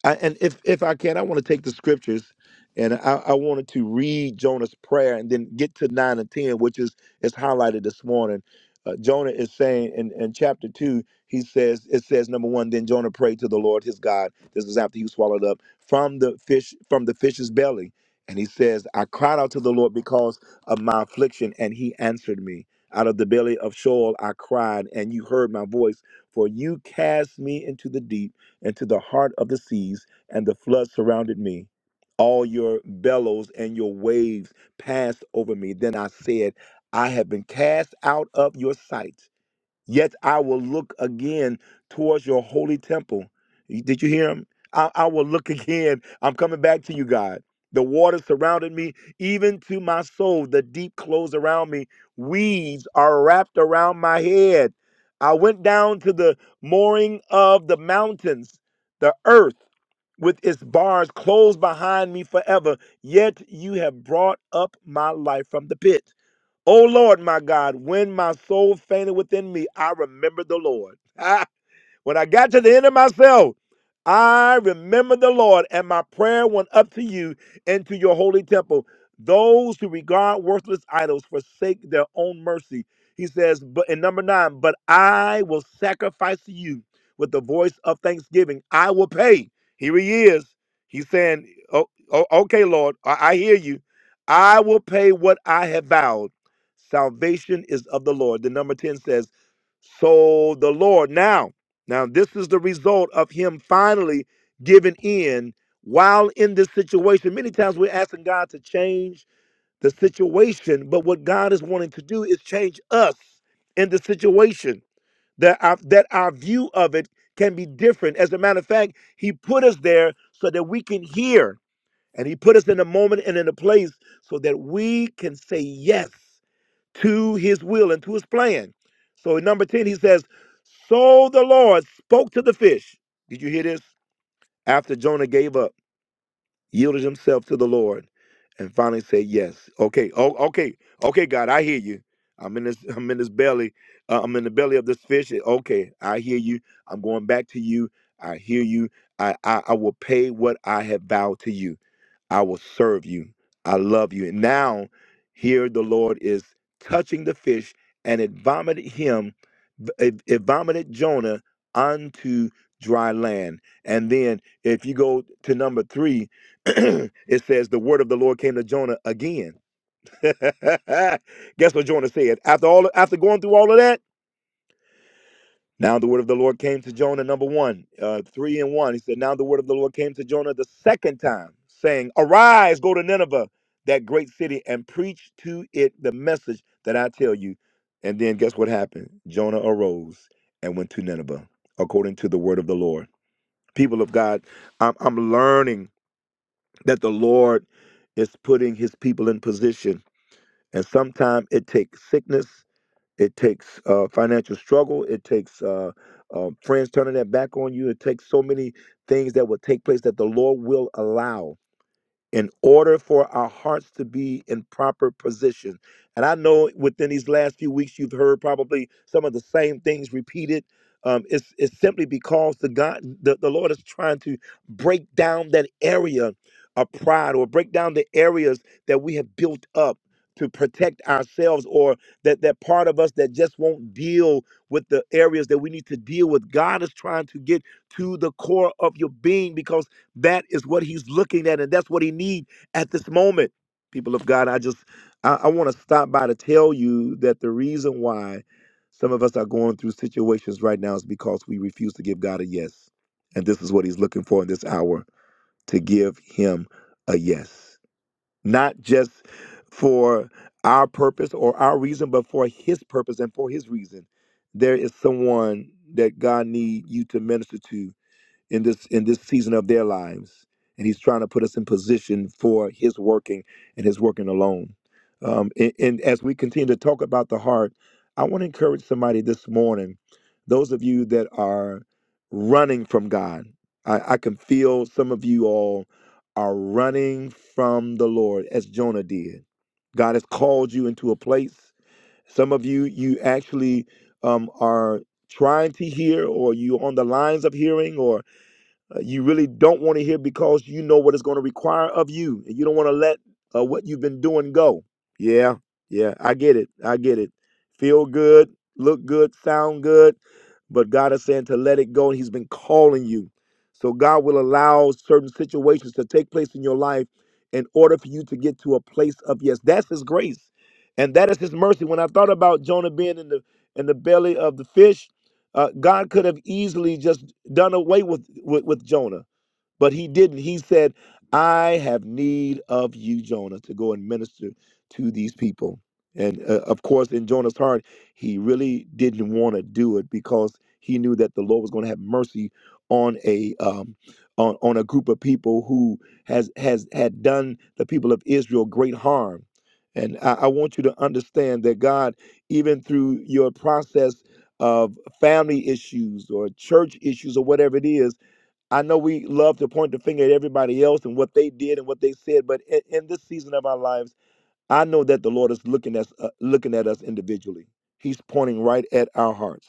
I, and if if I can, I want to take the scriptures, and I, I wanted to read Jonah's prayer and then get to nine and ten, which is is highlighted this morning. Uh, Jonah is saying in, in chapter two, he says it says number one. Then Jonah prayed to the Lord his God. This is after he was swallowed up from the fish from the fish's belly, and he says, I cried out to the Lord because of my affliction, and he answered me. Out of the belly of Sheol I cried, and you heard my voice. For you cast me into the deep into the heart of the seas, and the flood surrounded me. All your bellows and your waves passed over me. Then I said, I have been cast out of your sight. Yet I will look again towards your holy temple. Did you hear him? I, I will look again. I'm coming back to you, God. The water surrounded me, even to my soul. The deep clothes around me. Weeds are wrapped around my head. I went down to the mooring of the mountains. The earth with its bars closed behind me forever. Yet you have brought up my life from the pit. O Lord, my God, when my soul fainted within me, I remembered the Lord. When I got to the end of myself, I remembered the Lord, and my prayer went up to you and to your holy temple. Those who regard worthless idols forsake their own mercy. He says, but in number nine, but I will sacrifice to you with the voice of thanksgiving. I will pay. Here he is. He's saying, oh, oh, okay, Lord, I I hear you. I will pay what I have vowed. Salvation is of the Lord. The number 10 says, so the Lord. Now, now, this is the result of him finally giving in while in this situation. Many times we're asking God to change the situation, but what God is wanting to do is change us in the situation, that our, that our view of it can be different. As a matter of fact, he put us there so that we can hear, and he put us in a moment and in a place so that we can say yes to his will and to his plan. So in number 10, he says, So the Lord spoke to the fish. Did you hear this? After Jonah gave up, yielded himself to the Lord, and finally said yes. Okay, oh, okay, okay, God, I hear you. I'm in this, I'm in this belly, uh, I'm in the belly of this fish. Okay, I hear you. I'm going back to you. I hear you. I, I, I will pay what I have vowed to you. I will serve you. I love you. And now here the Lord is touching the fish, and it vomited him, it, it vomited Jonah onto dry land. And then if you go to number three, it says the word of the Lord came to Jonah again. Guess what Jonah said? After all after going through all of that? Now the word of the Lord came to Jonah, number one, uh, three and one. He said, Now the word of the Lord came to Jonah the second time, saying, Arise, go to Nineveh, that great city, and preach to it the message that I tell you. And then guess what happened? Jonah arose and went to Nineveh, according to the word of the Lord. People of God, I'm, I'm learning that the Lord is putting his people in position. And sometimes it takes sickness it takes uh, financial struggle. It takes uh, uh, friends turning their back on you. It takes so many things that will take place that the Lord will allow in order for our hearts to be in proper position. And I know within these last few weeks, you've heard probably some of the same things repeated. Um, it's, it's simply because the God, the, the Lord is trying to break down that area of pride or break down the areas that we have built up to protect ourselves or that, that part of us that just won't deal with the areas that we need to deal with. God is trying to get to the core of your being because that is what he's looking at, and that's what he needs at this moment. People of God, I just I, I want to stop by to tell you that the reason why some of us are going through situations right now is because we refuse to give God a yes. And this is what he's looking for in this hour to give him a yes. Not just for our purpose or our reason, but for his purpose and for his reason. There is someone that God needs you to minister to in this in this season of their lives and he's trying to put us in position for his working and his working alone um, and, and as we continue to talk about the heart i want to encourage somebody this morning those of you that are running from god i, I can feel some of you all are running from the lord as jonah did god has called you into a place some of you you actually um, are trying to hear or you on the lines of hearing or uh, you really don't want to hear because you know what it's going to require of you and you don't want to let uh, what you've been doing go yeah yeah i get it i get it feel good look good sound good but god is saying to let it go and he's been calling you so god will allow certain situations to take place in your life in order for you to get to a place of yes that's his grace and that is his mercy when i thought about jonah being in the in the belly of the fish uh, God could have easily just done away with, with, with Jonah. But he didn't. He said, I have need of you, Jonah, to go and minister to these people. And uh, of course, in Jonah's heart, he really didn't want to do it because he knew that the Lord was going to have mercy on a um, on, on a group of people who has has had done the people of Israel great harm. And I, I want you to understand that God, even through your process of family issues or church issues or whatever it is, I know we love to point the finger at everybody else and what they did and what they said, but in, in this season of our lives, I know that the Lord is looking at us, uh, looking at us individually. He's pointing right at our hearts.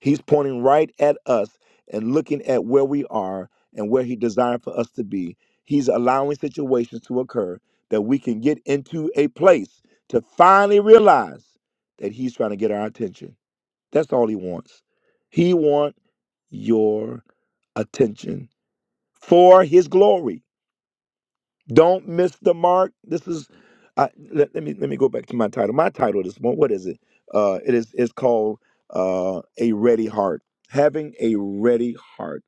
He's pointing right at us and looking at where we are and where He desired for us to be. He's allowing situations to occur that we can get into a place to finally realize that He's trying to get our attention. That's all He wants. He wants your attention for his glory. Don't miss the mark. This is I, let, let me let me go back to my title. My title this morning, what is it? Uh it is it's called uh a ready heart. Having a ready heart.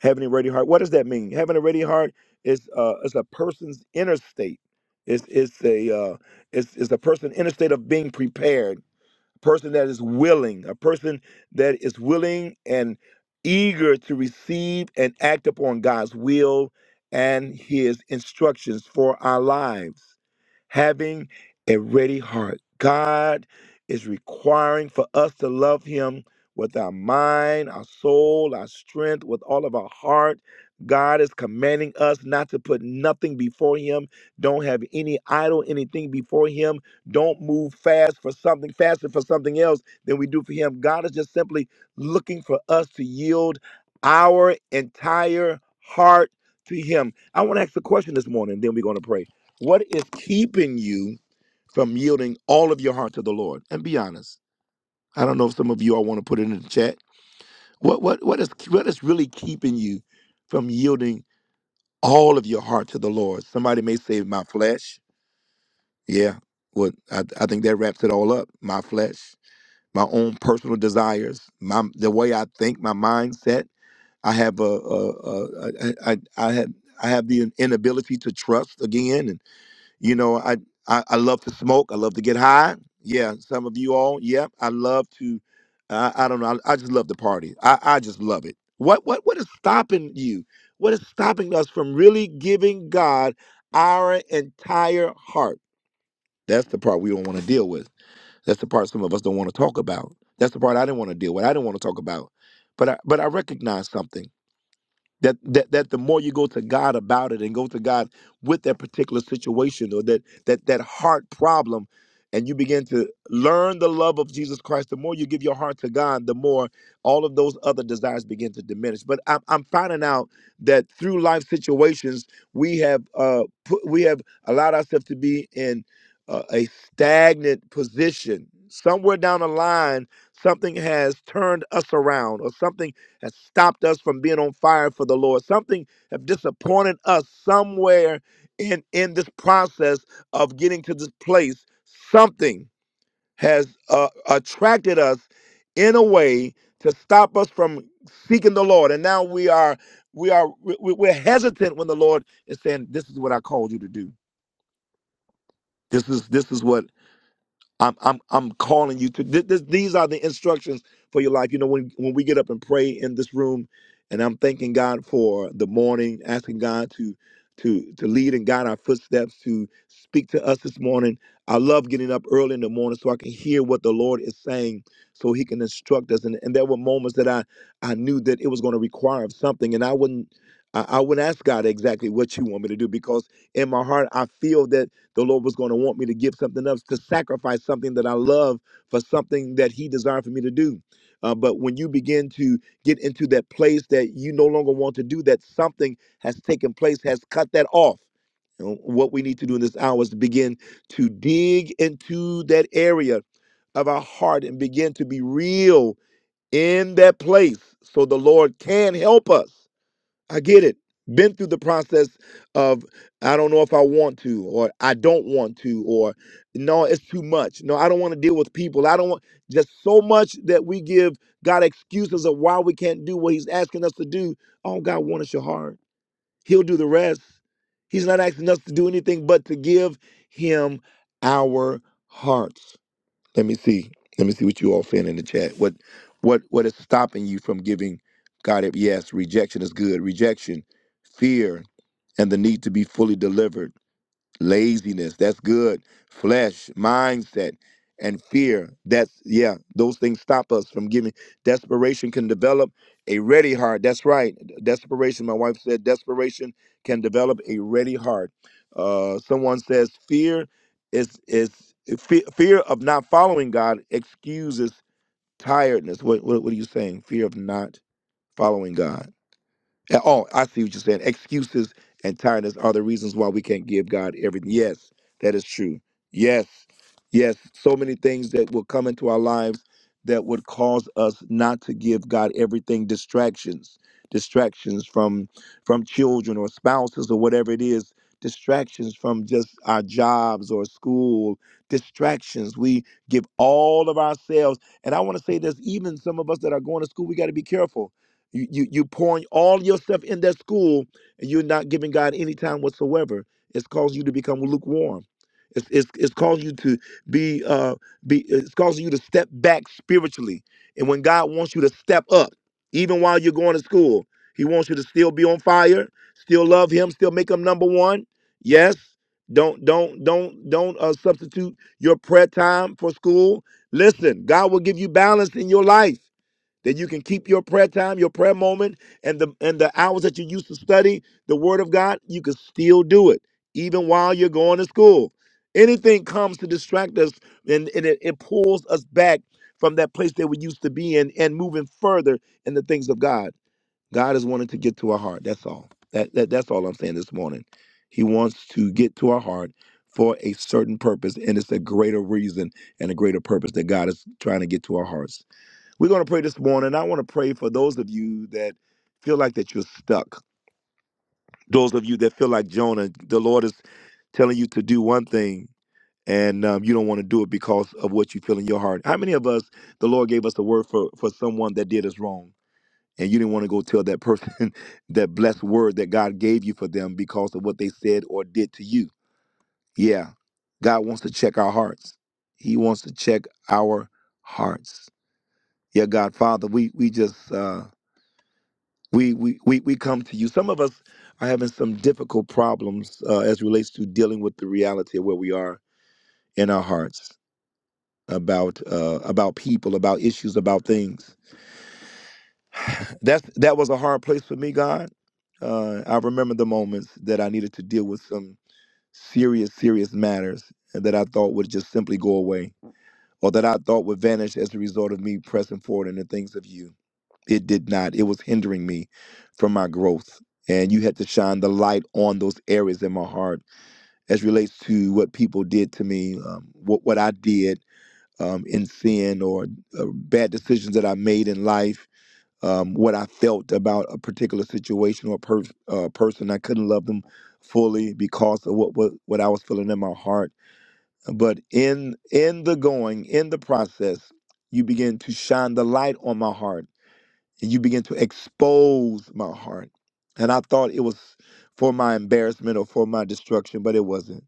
Having a ready heart. What does that mean? Having a ready heart is uh is a person's inner state. It's it's a uh it's, it's a person's inner state of being prepared a person that is willing, a person that is willing and eager to receive and act upon God's will and his instructions for our lives, having a ready heart. God is requiring for us to love him with our mind, our soul, our strength, with all of our heart. God is commanding us not to put nothing before him. Don't have any idol, anything before him don't move fast for something, faster for something else than we do for Him. God is just simply looking for us to yield our entire heart to Him. I want to ask a question this morning, then we're going to pray. What is keeping you from yielding all of your heart to the Lord? And be honest. I don't know if some of you all want to put it in the chat. What what what is what is really keeping you from yielding all of your heart to the Lord? Somebody may say, "My flesh." Yeah, well, I, I think that wraps it all up. My flesh. my own personal desires, my the way I think, my mindset. I have a, a, a, a I, I I have I have the inability to trust again, and you know I, I I love to smoke. I love to get high. Yeah, some of you all. Yep, I love to. I, I don't know. I, I just love to party. I, I just love it. What what what is stopping you? What is stopping us from really giving God our entire heart? That's the part we don't want to deal with. That's the part some of us don't want to talk about. That's the part I didn't want to deal with. I didn't want to talk about. But I, but I recognize something that that that the more you go to God about it and go to God with that particular situation or that that that heart problem and you begin to learn the love of Jesus Christ the more you give your heart to God the more all of those other desires begin to diminish but I'm I'm finding out that through life situations we have uh put, we have allowed ourselves to be in uh, a stagnant position somewhere down the line something has turned us around or something has stopped us from being on fire for the Lord. Something have disappointed us somewhere in in this process of getting to this place. Something has uh, attracted us in a way to stop us from seeking the Lord, and now we are we are we- we- we're hesitant when the Lord is saying, "This is what I called you to do. This is this is what I'm I'm I'm calling you to th- this, these are the instructions for your life. You know, when when we get up and pray in this room, and I'm thanking God for the morning, asking God to to to lead and guide our footsteps, to speak to us this morning. I love getting up early in the morning so I can hear what the Lord is saying, so He can instruct us. And, and there were moments that I I knew that it was going to require of something, and I wouldn't I, I wouldn't ask God exactly what you want me to do because in my heart I feel that. The Lord was going to want me to give something else, to sacrifice something that I love for something that He desired for me to do. Uh, but when you begin to get into that place that you no longer want to do, that something has taken place, has cut that off. And what we need to do in this hour is to begin to dig into that area of our heart and begin to be real in that place so the Lord can help us. I get it. Been through the process of I don't know if I want to or I don't want to or no, it's too much. No, I don't want to deal with people. I don't want just so much that we give God excuses of why we can't do what He's asking us to do. All God wants is your heart. He'll do the rest. He's not asking us to do anything but to give Him our hearts. Let me see. Let me see what you all saying in the chat. What what what is stopping you from giving God it? Yes, rejection is good. Rejection, fear, and the need to be fully delivered laziness that's good flesh mindset and fear that's yeah those things stop us from giving desperation can develop a ready heart that's right desperation my wife said desperation can develop a ready heart uh someone says fear is is fe- fear of not following god excuses tiredness what, what what are you saying fear of not following god uh, Oh, I see what you're saying. Excuses and tiredness are the reasons why we can't give God everything. Yes, that is true. Yes, yes. So many things that will come into our lives that would cause us not to give God everything. Distractions, distractions from from children or spouses or whatever it is. Distractions from just our jobs or school. Distractions. We give all of ourselves. And I want to say this: even some of us that are going to school, we got to be careful you, you you pouring all yourself in that school and you're not giving God any time whatsoever. It's caused you to become lukewarm. It's it's, it's caused you to be uh be it's causing you to step back spiritually. And when God wants you to step up, even while you're going to school, He wants you to still be on fire, still love Him, still make Him number one. Yes. Don't don't don't don't uh, substitute your prayer time for school. Listen, God will give you balance in your life that you can keep your prayer time, your prayer moment, and the and the hours that you used to study the Word of God, you can still do it even while you're going to school. Anything comes to distract us, and, and it, it pulls us back from that place that we used to be in, and moving further in the things of God. God is wanting to get to our heart. That's all. That, that that's all I'm saying this morning. He wants to get to our heart for a certain purpose, and it's a greater reason and a greater purpose that God is trying to get to our hearts. We're going to pray this morning. I want to pray for those of you that feel like that you're stuck. Those of you that feel like Jonah, the Lord is telling you to do one thing and um, you don't want to do it because of what you feel in your heart. How many of us, the Lord gave us a word for, for someone that did us wrong and you didn't want to go tell that person that blessed word that God gave you for them because of what they said or did to you? Yeah, God wants to check our hearts. He wants to check our hearts. Yeah, God, Father, we, we just. Uh, we we we, we come to you some of us are having some difficult problems uh, as relates to dealing with the reality of where we are in our hearts about uh, about people about issues about things that's that was a hard place for me god uh, i remember the moments that i needed to deal with some serious serious matters that i thought would just simply go away or that i thought would vanish as a result of me pressing forward in the things of you It did not. It was hindering me from my growth. And you had to shine the light on those areas in my heart as relates to what people did to me, um, what, what I did um, in sin or uh, bad decisions that I made in life, um, what I felt about a particular situation or per- uh, person. I couldn't love them fully because of what, what, what I was feeling in my heart. But in in the going, in the process, you begin to shine the light on my heart and you begin to expose my heart. And I thought it was for my embarrassment or for my destruction, but it wasn't.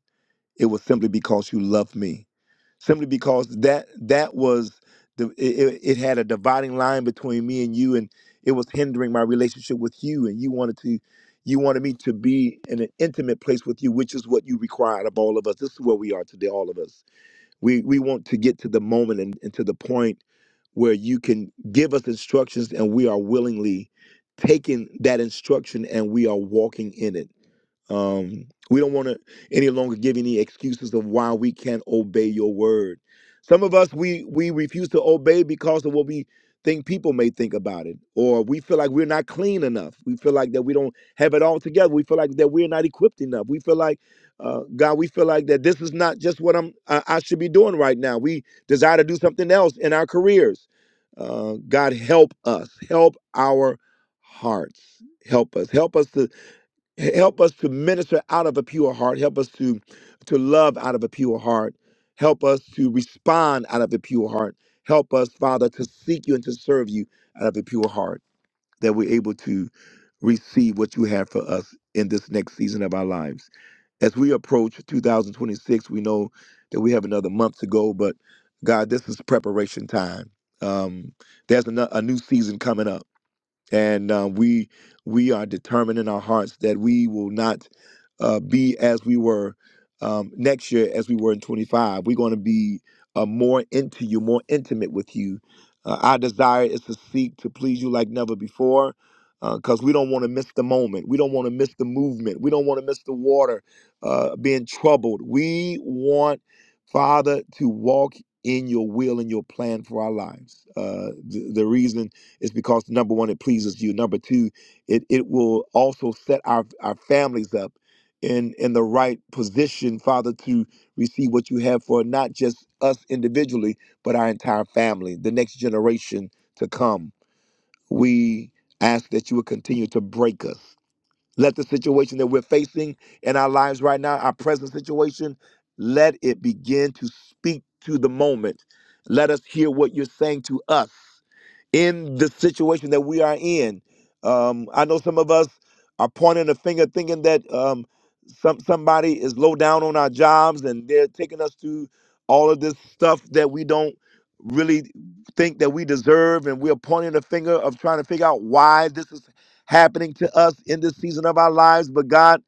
It was simply because you loved me. Simply because that that was the it, it it had a dividing line between me and you, and it was hindering my relationship with you. And you wanted to you wanted me to be in an intimate place with you, which is what you required of all of us. This is where we are today, all of us. We we want to get to the moment and, and to the point where you can give us instructions and we are willingly taking that instruction and we are walking in it um, we don't want to any longer give any excuses of why we can't obey your word. Some of us we we refuse to obey because of what we think people may think about it, or we feel like we're not clean enough. We feel like that we don't have it all together. We feel like that we're not equipped enough. We feel like uh, God, we feel like that this is not just what I'm I, I should be doing right now. We desire to do something else in our careers. Uh, God, help us, help our hearts, help us, help us to help us to minister out of a pure heart help us to to love out of a pure heart help us to respond out of a pure heart help us father to seek you and to serve you out of a pure heart that we're able to receive what you have for us in this next season of our lives as we approach 2026 we know that we have another month to go but god this is preparation time um, there's ano- a new season coming up and uh, we we are determined in our hearts that we will not uh, be as we were um, next year as we were in 25 we're going to be uh, more into you more intimate with you uh, our desire is to seek to please you like never before because we don't want to miss the moment we don't want to miss the movement we don't want to miss the water uh, being troubled we want father to walk in your will and your plan for our lives uh, the, the reason is because number one, it pleases you. Number two, it, it will also set our, our families up in in the right position, Father, to receive what you have for not just us individually, but our entire family, the next generation to come. We ask that you would continue to break us. Let the situation that we're facing in our lives right now, our present situation, let it begin to speak to the moment. Let us hear what you're saying to us in the situation that we are in. Um, I know some of us are pointing a finger, thinking that um, some somebody is low down on our jobs, and they're taking us through all of this stuff that we don't really think that we deserve, and we're pointing a finger of trying to figure out why this is happening to us in this season of our lives. But God,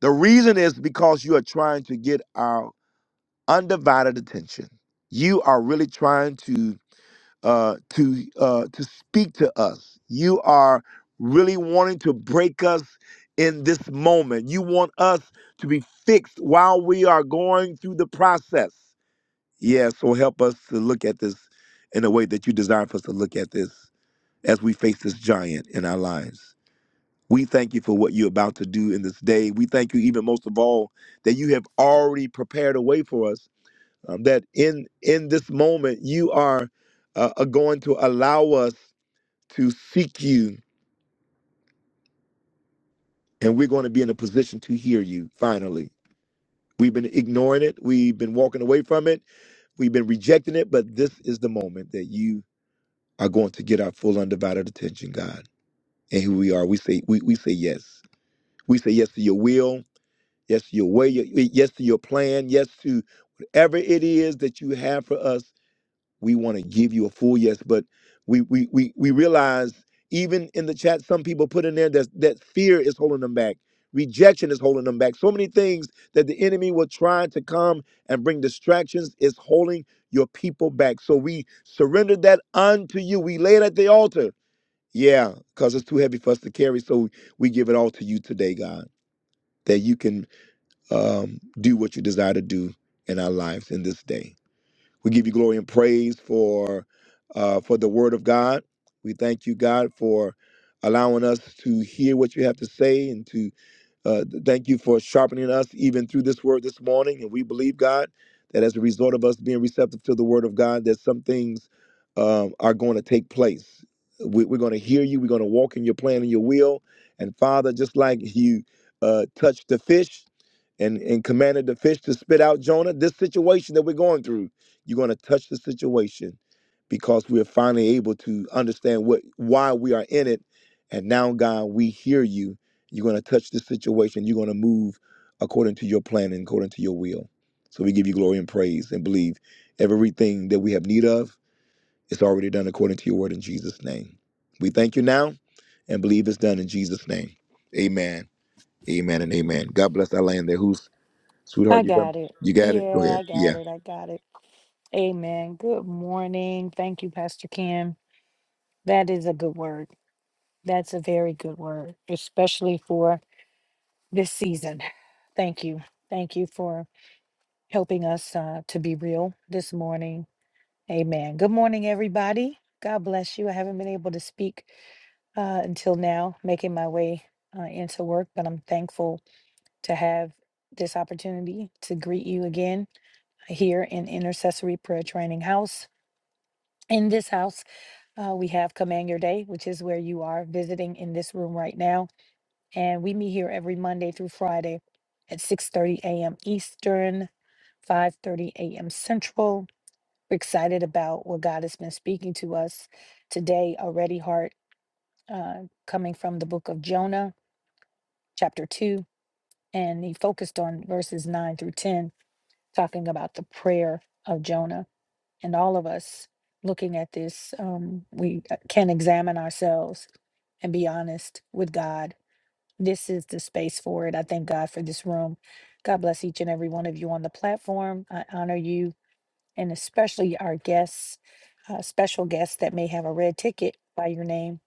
the reason is because you are trying to get our undivided attention. You are really trying to uh, to uh, to speak to us. You are really wanting to break us in this moment. You want us to be fixed while we are going through the process. Yeah, so help us to look at this in a way that you desire for us to look at this as we face this giant in our lives. We thank you for what you're about to do in this day. We thank you even most of all that you have already prepared a way for us um, that in in this moment you are uh, are going to allow us to seek you and we're going to be in a position to hear you finally we've been ignoring it we've been walking away from it we've been rejecting it but this is the moment that you are going to get our full undivided attention god and here we are we say we, we say yes we say yes to your will yes to your way your- yes to your plan yes to whatever it is that you have for us we want to give you a full yes but we we we, we realize even in the chat some people put in there that that fear is holding them back rejection is holding them back so many things that the enemy will try to come and bring distractions is holding your people back so we surrender that unto you we lay it at the altar yeah because it's too heavy for us to carry so we give it all to you today god that you can um, do what you desire to do in our lives in this day we give you glory and praise for uh, for the word of God. We thank you, God, for allowing us to hear what you have to say and to uh, thank you for sharpening us even through this word this morning. And we believe, God, that as a result of us being receptive to the word of God, that some things um, are going to take place. We, we're going to hear you. We're going to walk in your plan and your will. And Father, just like you uh, touched the fish and, and commanded the fish to spit out Jonah, this situation that we're going through, you're going to touch the situation because we're finally able to understand what why we are in it. And now, God, we hear you you're going to touch this situation. You're going to move according to your plan and according to your will. So we give you glory and praise and believe everything that we have need of is already done according to your word in Jesus' name. We thank you now and believe it's done in Jesus' name. Amen. Amen and amen. God bless our land there. Who's
I
sweetheart? You got
got it.
you got it? Go
Yeah,
aheid.
I got
Yeah.
it. I got it. Amen. Good morning. Thank you, Pastor Kim. That is a good word. That's a very good word, especially for this season. Thank you. Thank you for helping us uh, to be real this morning. Amen. Good morning, everybody. God bless you. I haven't been able to speak uh, until now, making my way uh, into work, but I'm thankful to have this opportunity to greet you again here in Intercessory Prayer Training House. In this house, uh, we have Command Your Day, which is where you are visiting in this room right now. And we meet here every Monday through Friday at 6.30 a.m. Eastern, 5.30 a.m. Central. We're excited about what God has been speaking to us today already, Heart, uh, coming from the book of Jonah, chapter 2. And he focused on verses 9 through 10, talking about the prayer of Jonah. and all of us looking at this, um, we uh, can examine ourselves and be honest with God. This is the space for it. I thank God for this room. God bless each and every one of you on the platform. I honor you and especially our guests, uh, special guests that may have a red ticket by your name.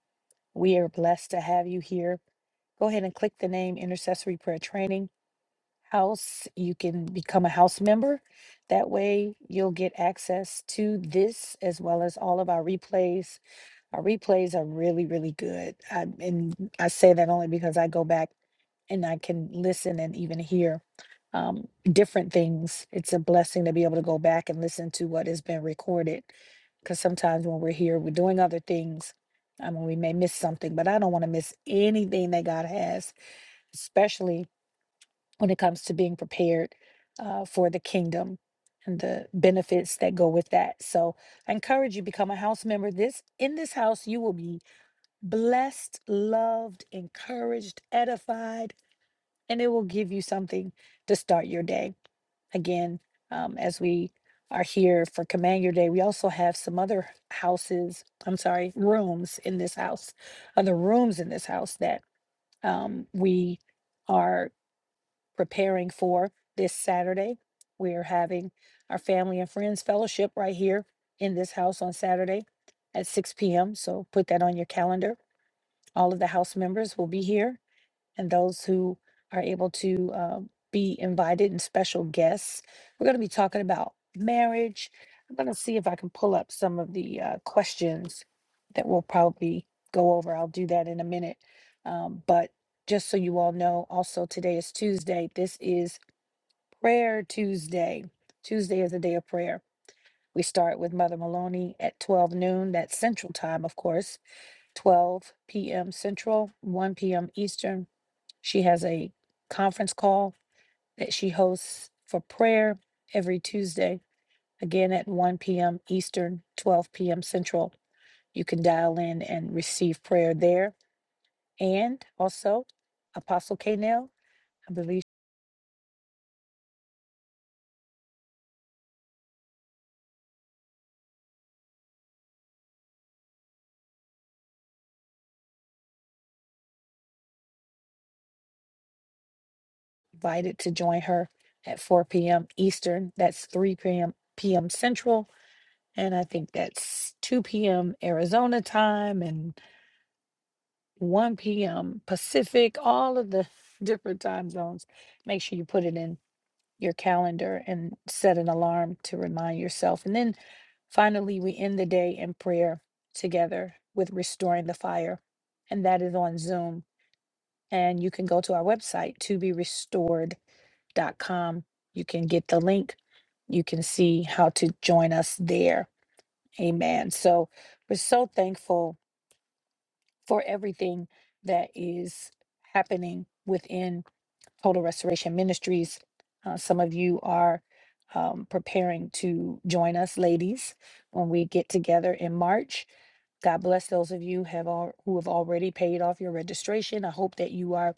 We are blessed to have you here. Go ahead and click the name Intercessory Prayer Training house. You can become a house member. That way, you'll get access to this as well as all of our replays. Our replays are really, really good. I, and I say that only because I go back and I can listen and even hear um, different things. It's a blessing to be able to go back and listen to what has been recorded because sometimes when we're here, we're doing other things. I mean, we may miss something, but I don't want to miss anything that God has, especially when it comes to being prepared uh, for the kingdom and the benefits that go with that. So I encourage you become a house member. This in this house you will be blessed, loved, encouraged, edified, and it will give you something to start your day. Again, um, as we are here for Command Your Day, we also have some other houses. I'm sorry, rooms in this house, other rooms in this house that um, we are preparing for this Saturday. We are having our family and friends fellowship right here in this house on Saturday at 6 p.m. So put that on your calendar. All of the house members will be here, and those who are able to uh, be invited and special guests. We're going to be talking about marriage. I'm going to see if I can pull up some of the uh, questions that we'll probably go over. I'll do that in a minute. Um, but just so you all know, also today is Tuesday. This is Prayer Tuesday. Tuesday is a day of prayer. We start with Mother Maloney at 12 noon. That's Central Time, of course, 12 p.m. Central, 1 p.m. Eastern. She has a conference call that she hosts for prayer every Tuesday, again at 1 p.m. Eastern, 12 p.m. Central. You can dial in and receive prayer there. And also, Apostle Kanell, I believe. invited to join her at 4 p.m. Eastern. That's 3 p.m. p.m. Central, and I think that's 2 p.m. Arizona time and 1 p.m. Pacific. All of the different time zones. Make sure you put it in your calendar and set an alarm to remind yourself. And then finally, we end the day in prayer together with restoring the fire, and that is on Zoom. And you can go to our website to be restored dot com. You can get the link. You can see how to join us there. Amen. So we're so thankful for everything that is happening within Total Restoration Ministries. Uh, some of you are um, preparing to join us, ladies, when we get together in March. God bless those of you have all, who have already paid off your registration. I hope that you are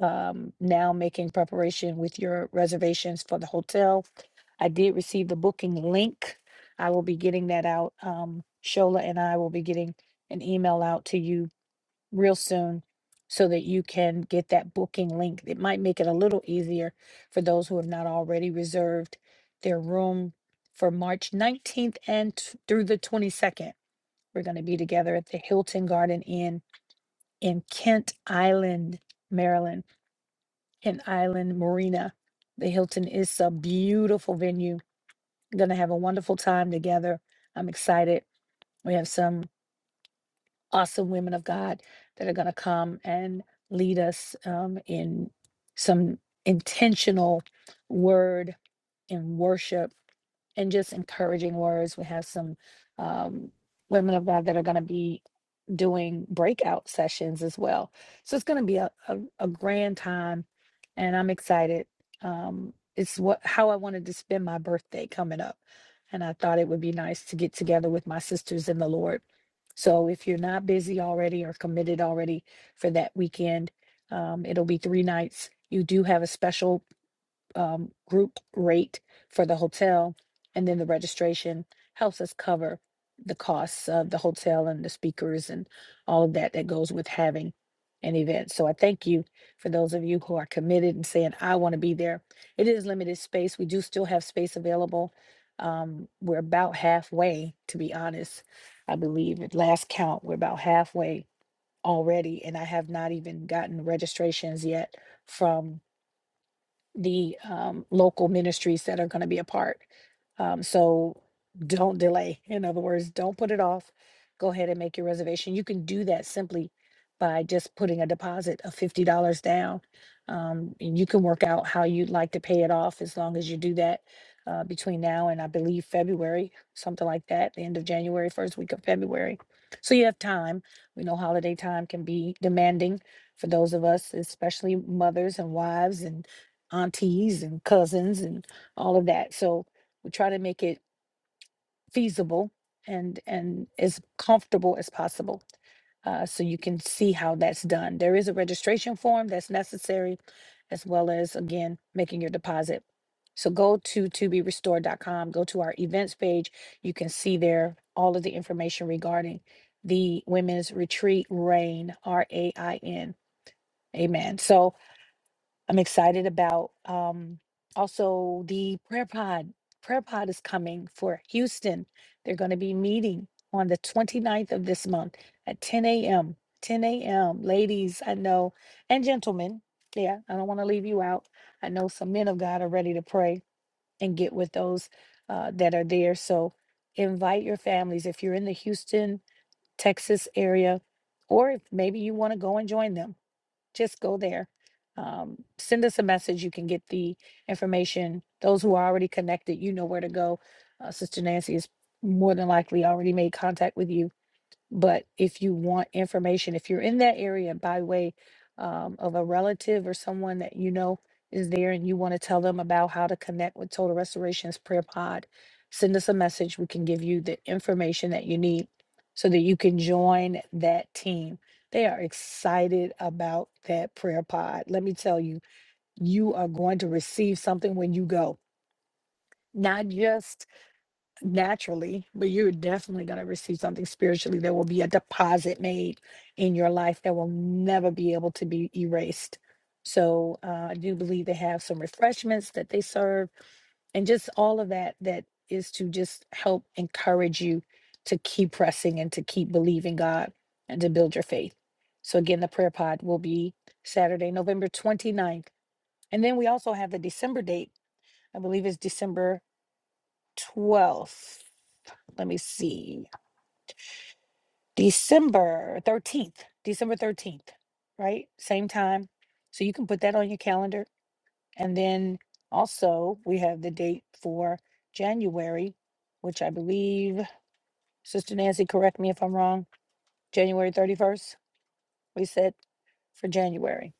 um, now making preparation with your reservations for the hotel. I did receive the booking link. I will be getting that out. Um, Shola and I will be getting an email out to you real soon so that you can get that booking link. It might make it a little easier for those who have not already reserved their room for March 19th and t- through the 22nd. We're going to be together at the Hilton Garden Inn in Kent Island, Maryland and Island Marina. The Hilton is a beautiful venue. Going to have a wonderful time together. I'm excited. We have some awesome women of God that are going to come and lead us um, in some intentional word and worship and just encouraging words. We have some um, women of God that are going to be doing breakout sessions as well. So it's going to be a, a, a grand time, and I'm excited. Um, it's what how I wanted to spend my birthday coming up, and I thought it would be nice to get together with my sisters in the Lord. So if you're not busy already or committed already for that weekend, um, it'll be three nights. You do have a special um, group rate for the hotel, and then the registration helps us cover the costs of the hotel and the speakers and all of that that goes with having an event. So I thank you for those of you who are committed and saying, I want to be there. It is limited space. We do still have space available. Um, we're about halfway, to be honest. I believe at last count, we're about halfway already, and I have not even gotten registrations yet from the um, local ministries that are going to be a part. Um, so don't delay. In other words, don't put it off. Go ahead and make your reservation. You can do that simply by just putting a deposit of $50 down. Um, and you can work out how you'd like to pay it off as long as you do that uh, between now and I believe February, something like that, the end of January, first week of February. So you have time. We know holiday time can be demanding for those of us, especially mothers and wives and aunties and cousins and all of that. So we try to make it feasible and and as comfortable as possible. Uh, so you can see how that's done. There is a registration form that's necessary, as well as again making your deposit. So go to to be restored dot com. go to our events page. You can see there all of the information regarding the women's retreat, RAIN, R A I N. Amen. So I'm excited about um, also the prayer pod. Prayer pod is coming for Houston. They're going to be meeting on the 29th of this month at 10 a.m. 10 a.m. Ladies, I know, and gentlemen. Yeah, I don't want to leave you out. I know some men of God are ready to pray and get with those uh, that are there. So invite your families if you're in the Houston, Texas area, or if maybe you want to go and join them just go there. Um, send us a message. You can get the information. Those who are already connected, you know where to go. Uh, Sister Nancy has more than likely already made contact with you. But if you want information, if you're in that area by way um, of a relative or someone that you know is there and you want to tell them about how to connect with Total Restoration's Prayer Pod, send us a message. We can give you the information that you need so that you can join that team. They are excited about that prayer pod. Let me tell you, you are going to receive something when you go, not just naturally, but you're definitely going to receive something spiritually. There will be a deposit made in your life that will never be able to be erased. So uh, I do believe they have some refreshments that they serve, and just all of that that is to just help encourage you to keep pressing and to keep believing God and to build your faith. So again, the prayer pod will be Saturday, November 29th. And then we also have the December date. I believe it's December 12th. Let me see. December 13th, December 13th, right? Same time. So you can put that on your calendar. And then also, we have the date for January, which I believe, Sister Nancy, correct me if I'm wrong, January 31st, we said for January.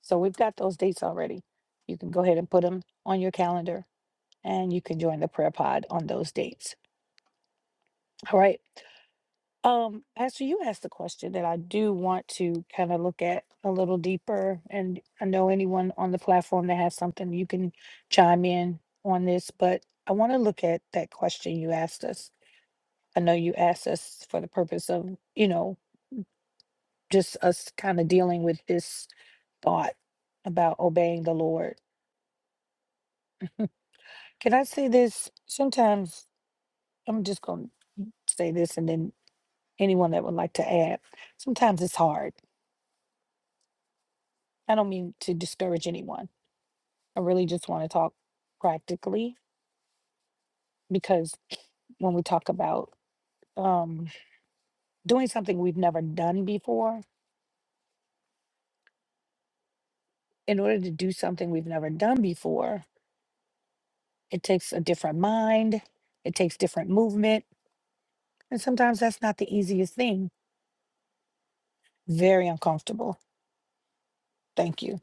So we've got those dates already. You can go ahead and put them on your calendar and you can join the prayer pod on those dates. All right. Um, Pastor, you asked a question that I do want to kind of look at a little deeper. And I know anyone on the platform that has something, you can chime in on this, but I want to look at that question you asked us. I know you asked us for the purpose of, you know, just us kind of dealing with this thought about obeying the Lord. Can I say this? Sometimes I'm just going to say this and then anyone that would like to add, sometimes it's hard. I don't mean to discourage anyone I really just want to talk practically because when we talk about um, doing something we've never done before, in order to do something we've never done before, it takes a different mind, it takes different movement. And sometimes that's not the easiest thing. Very uncomfortable. Thank you,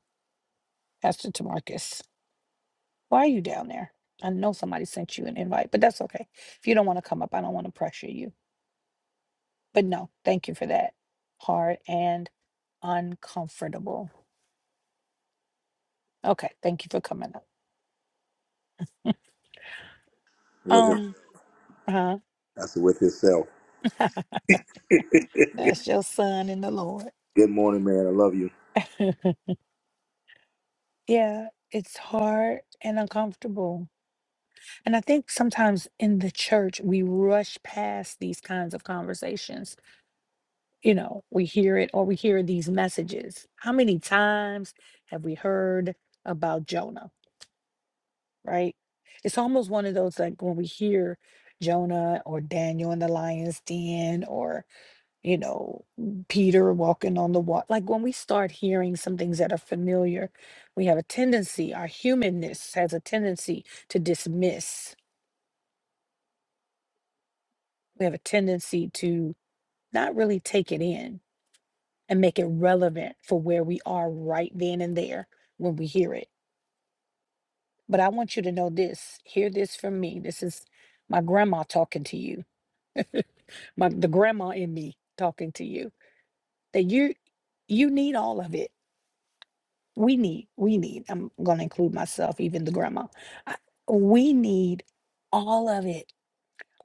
Pastor Tamarcus. Why are you down there? I know somebody sent you an invite, but that's okay. If you don't want to come up, I don't want to pressure you. But no, thank you for that. Hard and uncomfortable. Okay, thank you for coming up.
With it.
Um, huh?
That's with himself.
That's your son in the Lord.
Good morning, man. I love you.
yeah, it's hard and uncomfortable. And I think sometimes in the church, we rush past these kinds of conversations. You know, we hear it or we hear these messages. How many times have we heard about Jonah, right? It's almost one of those like when we hear Jonah or Daniel in the lion's den or you know, Peter walking on the water. Like when we start hearing some things that are familiar, we have a tendency, our humanness has a tendency to dismiss. We have a tendency to not really take it in and make it relevant for where we are right then and there when we hear it. But I want you to know this hear this from me. This is my grandma talking to you, my, the grandma in me talking to you, that you you need all of it we need we need i'm going to include myself even the grandma I- we need all of it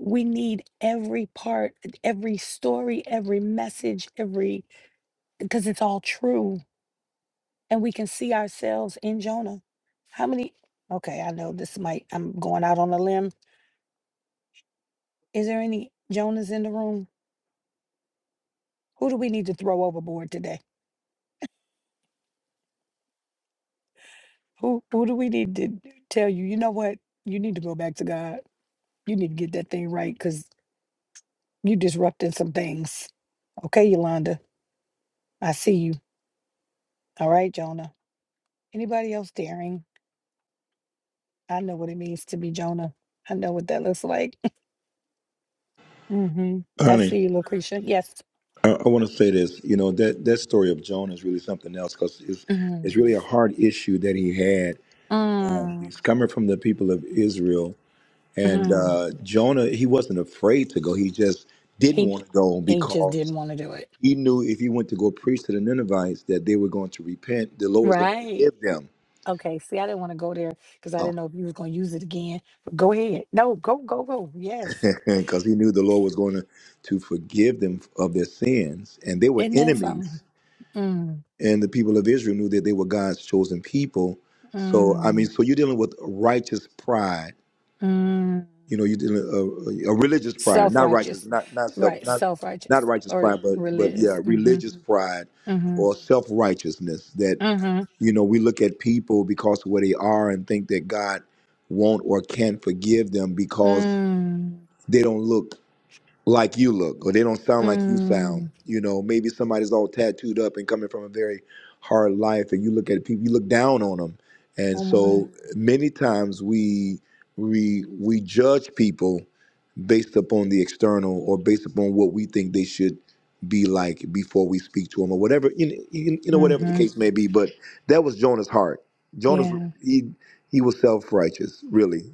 we need every part every story every message every because it's all true and we can see ourselves in jonah how many okay i know this might i'm going out on a limb is there any jonahs in the room who do we need to throw overboard today who who do we need to tell you you know what you need to go back to god you need to get that thing right because. You disrupting some things. Okay, Yolanda. I see you. All right, Jonah. Anybody else daring? I know what it means to be Jonah. I know what that looks like. hmm I
Honey.
see you, Lucretia. Yes.
I, I want to say this. You know that that story of Jonah is really something else because it's
Mm-hmm.
it's really a hard issue that he had. Um,
mm
he's coming from the people of Israel, and
mm.
uh, Jonah he wasn't afraid to go. He just didn't
He
want to go
he just didn't
because
want to do it.
he knew if he went to go preach to the Ninevites that they were going to repent. The Lord was going to
Right.
forgive them.
Okay. See, I didn't want to go there because I
Oh,
didn't know if you was gonna use it again. But go ahead. No, go, go, go. Yes.
because he knew the Lord was going to, to forgive them of their sins, and they were
Isn't that
enemies.
something? Mm,
and the people of Israel knew that they were God's chosen people. So I mean,
mm,
so you're dealing with righteous pride.
mm.
You know, you're dealing a, a religious pride, not righteous,
Self-righteous,
not not self,
right?
not not
Self-righteous
righteous
or
pride, but but yeah,
religious. Mm-hmm.
religious pride
Mm-hmm.
or self righteousness. That
Mm-hmm.
you know, we look at people because of where they are and think that God won't or can't forgive them because
Mm.
they don't look like you look or they don't sound like you sound
Mm.
you know maybe somebody's all tattooed up and coming from a very hard life and you look at people you look down on them and
Oh my.
so many times we we we judge people based upon the external or based upon what we think they should be like before we speak to them or whatever you know, you, you know whatever the
Mm-hmm.
case may be but that was jonah's heart jonah's
Yeah.
he he was self-righteous really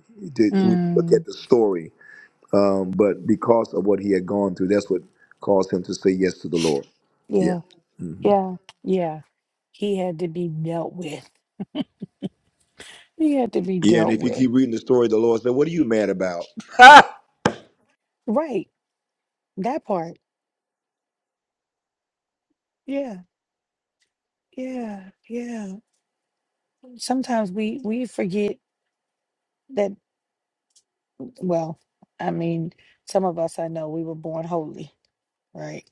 when you look
Mm.
at the story um, but because of what he had gone through, that's what caused him to say yes to the Lord. Yeah,
Yeah.
hmm
Yeah. Yeah. He had to be dealt with. He had to be
yeah. And
dealt
if you
with.
keep reading the story, the Lord said, "What are you mad about,
Right. That part. Yeah. Yeah. Yeah. Sometimes we we forget that. Well, I mean, some of us I know we were born holy, right?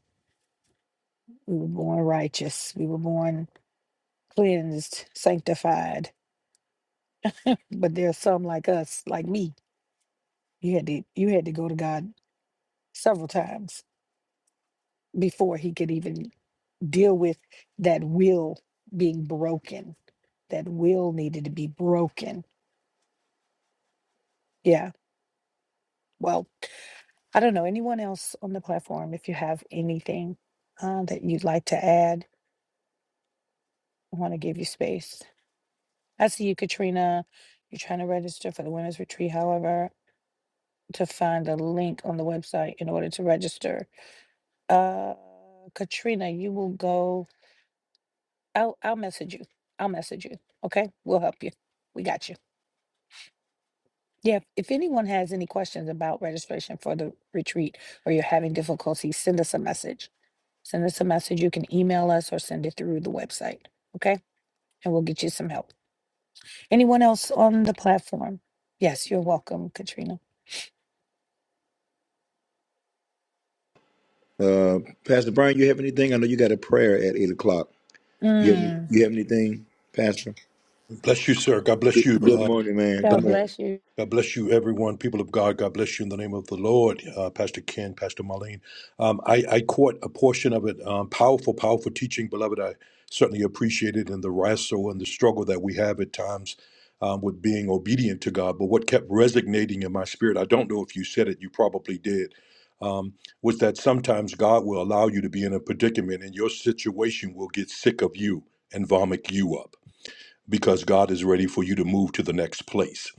We were born righteous. We were born cleansed, sanctified. But there's some like us, like me. You had to you had to go to God several times before he could even deal with that will being broken. That will needed to be broken. Yeah. Well, I don't know anyone else on the platform if you have anything uh, that you'd like to add. I want to give you space. I see you, Katrina. You're trying to register for the Women's Retreat. However, to find a link on the website in order to register Uh, Katrina, you will go. I'll I'll message you. I'll message you. Okay, we'll help you. We got you. Yeah. If anyone has any questions about registration for the retreat, or you're having difficulty, send us a message. Send us a message. You can email us or send it through the website. Okay, and we'll get you some help. Anyone else on the platform? Yes, you're welcome, Katrina.
uh, Pastor Brian? You have anything? I know you got a prayer at eight o'clock. You have,
Mm,
you have anything, Pastor?
Bless you, sir. God bless
Good,
you.
good
Uh,
morning, man. Good
God
morning.
bless you.
God bless you, everyone. People of God, God bless you in the name of the Lord. Uh, Pastor Ken, Pastor Marlene. Um, I, I caught a portion of it. Um, powerful, powerful teaching, beloved. I certainly appreciate it and the wrestle and the struggle that we have at times um, with being obedient to God. But what kept resonating in my spirit, I don't know if you said it, you probably did, um, was that sometimes God will allow you to be in a predicament and your situation will get sick of you and vomit you up because God is ready for you to move to the next place.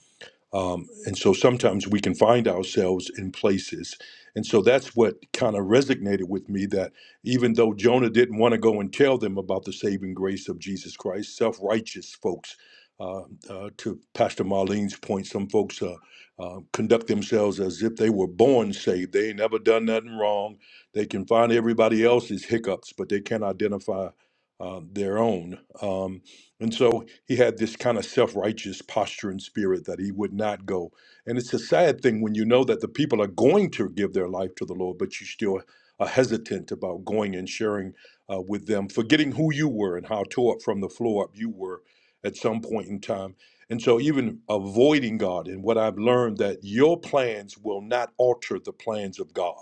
Um, and so sometimes we can find ourselves in places. And so that's what kind of resonated with me that even though Jonah didn't want to go and tell them about the saving grace of Jesus Christ, self righteous folks, uh, uh, to Pastor Marlene's point, some folks uh, uh, conduct themselves as if they were born saved. They ain't never done nothing wrong. They can find everybody else's hiccups, but they can't identify uh, their own. Um, and so he had this kind of self righteous posture and spirit that he would not go. And it's a sad thing when you know that the people are going to give their life to the Lord, but you still are hesitant about going and sharing uh, with them, forgetting who you were and how tore up from the floor up you were at some point in time. And so, even avoiding God, and what I've learned that your plans will not alter the plans of God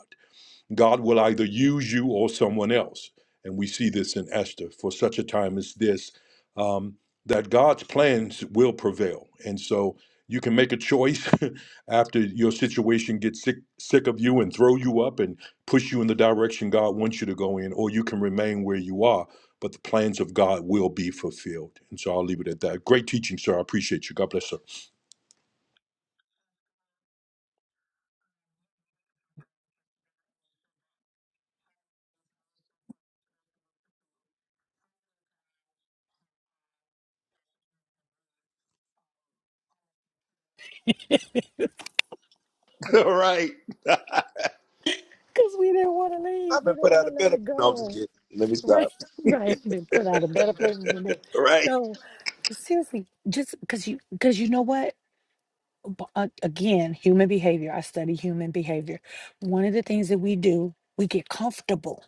God will either use you or someone else. And we see this in Esther for such a time as this, um, that God's plans will prevail. And so you can make a choice after your situation gets sick, sick of you and throw you up and push you in the direction God wants you to go in, or you can remain where you are, but the plans of God will be fulfilled. And so I'll leave it at that. Great teaching, sir. I appreciate you. God bless, sir.
All right,
Cause we didn't want to leave.
I've
We
been
didn't
put
want
out
to
of
let
bed.
it
No, I'm just
go.
kidding. Let me
Right,
stop.
right. Been put out of better places than this.
All right.
No, seriously, just because you, because you know what? B- uh, Again, human behavior. I study human behavior. One of the things that we do, we get comfortable.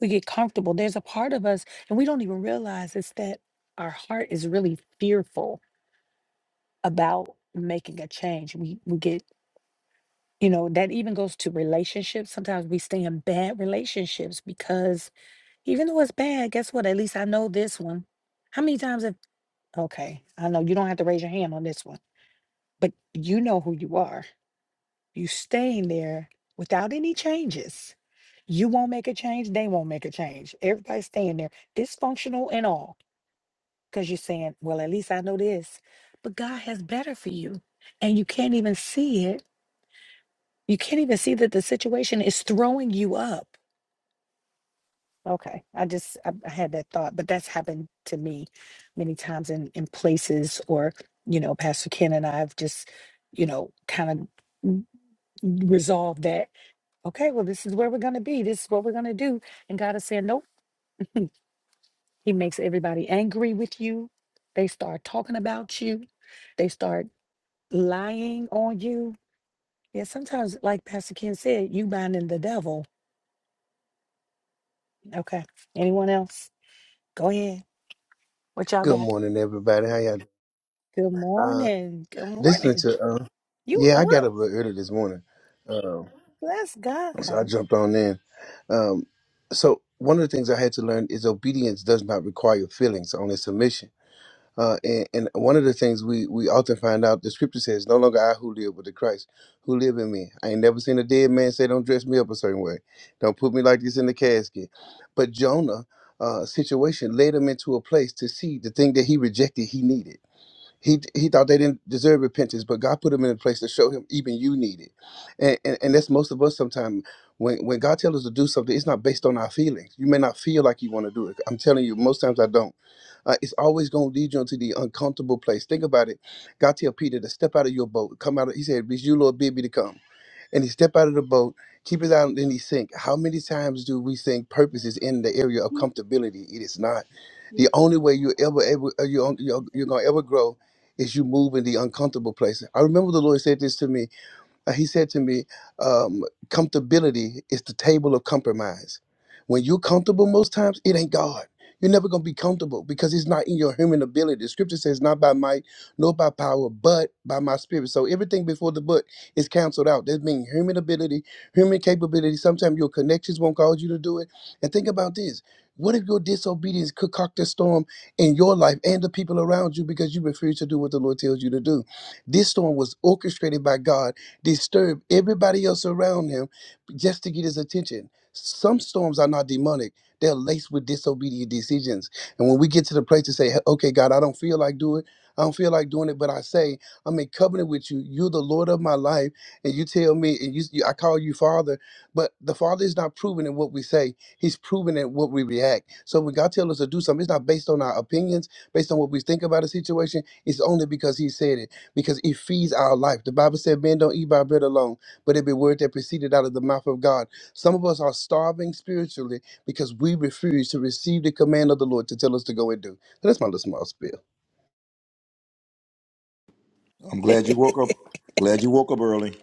We get comfortable. There's a part of us, and we don't even realize it's that our heart is really fearful about making a change. We we get, you know, that even goes to relationships. Sometimes we stay in bad relationships because even though it's bad, guess what? At least I know this one. How many times have Okay, I know you don't have to raise your hand on this one, but you know who you are. You staying there without any changes. You won't make a change, they won't make a change. Everybody's staying there, dysfunctional and all, because you're saying, well, at least I know this. But God has better for you. And you can't even see it. You can't even see that the situation is throwing you up. Okay, I just I, I had that thought, but that's happened to me many times in in places, or you know, Pastor Ken and I have just, you know, kind of resolved that. Okay, well, this is where we're gonna be. This is what we're gonna do. And God is saying, nope. He makes everybody angry with you. They start talking about you. They start lying on you. Yeah, sometimes, like Pastor Ken said, you binding the devil. Okay. Anyone else? Go ahead. What y'all got?
Good morning, everybody. How y'all?
Good
Uh,
morning. Good
listening
morning.
to, uh,
You
yeah,
up?
I got up a little early this morning, um,
Bless God.
so I jumped on in. Um, so one of the things I had to learn is obedience does not require feelings, only submission. Uh, and, and one of the things we we often find out, the scripture says, "No longer I who live, but the Christ who live in me." I ain't never seen a dead man say, "Don't dress me up a certain way, don't put me like this in the casket." But Jonah. Uh, situation led him into a place to see the thing that he rejected he needed He he thought they didn't deserve repentance, but God put him in a place to show him even you need it. And and, and that's most of us sometimes. When when God tells us to do something, it's not based on our feelings. You may not feel like you want to do it. I'm telling you, most times I don't. Uh, it's always going to lead you into the uncomfortable place. Think about it. God tell Peter to step out of your boat, come out. Of, he said, "It's you, Lord, bid me to come." and he step out of the boat, keep his out, and then he sink. How many times do we think purpose is in the area of comfortability? It is not. The only way you ever ever uh, you you're, you're gonna ever grow is you move in the uncomfortable place. I remember the Lord said this to me. Uh, he said to me, um, comfortability is the table of compromise. When you're comfortable most times, it ain't God. You're never gonna be comfortable because it's not in your human ability. The scripture says, not by might, nor by power, but by my spirit. So everything before the book is canceled out. That means human ability, human capability. Sometimes your connections won't cause you to do it. And think about this. What if your disobedience could cock a storm in your life and the people around you because you refuse to do what the Lord tells you to do? This storm was orchestrated by God disturb everybody else around him just to get his attention. Some storms are not demonic. They're laced with disobedient decisions. And when we get to the place to say, "Hey, okay, God, I don't feel like doing it. I don't feel like doing it, but I say, I'm in covenant with you. You're the Lord of my life. And you tell me, and you, you I call you Father. But the Father is not proven in what we say. He's proven in what we react. So when God tells us to do something, it's not based on our opinions, based on what we think about a situation. It's only because He said it because it feeds our life. The Bible said, Men don't eat by bread alone, but every word that proceeded out of the mouth of God. Some of us are starving spiritually because we refuse to receive the command of the Lord to tell us to go and do. That's my little small spill.
I'm glad you woke up. Glad you woke up early.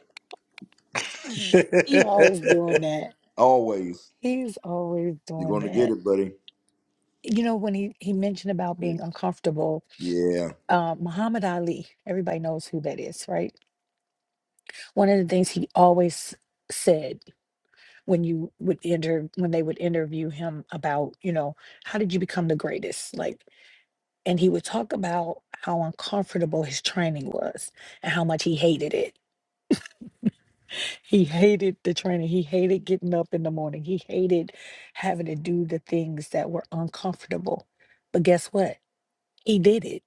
he always doing that.
Always.
He's always
You're
doing
going to get
that.
it, buddy.
You know, when he, he mentioned about being uncomfortable,
Yeah,
uh, Muhammad Ali, everybody knows who that is, right? One of the things he always said when you would enter when they would interview him about, you know, how did you become the greatest? Like, and he would talk about how uncomfortable his training was and how much he hated it He hated the training. He hated getting up in the morning. He hated having to do the things that were uncomfortable. But guess what? He did it.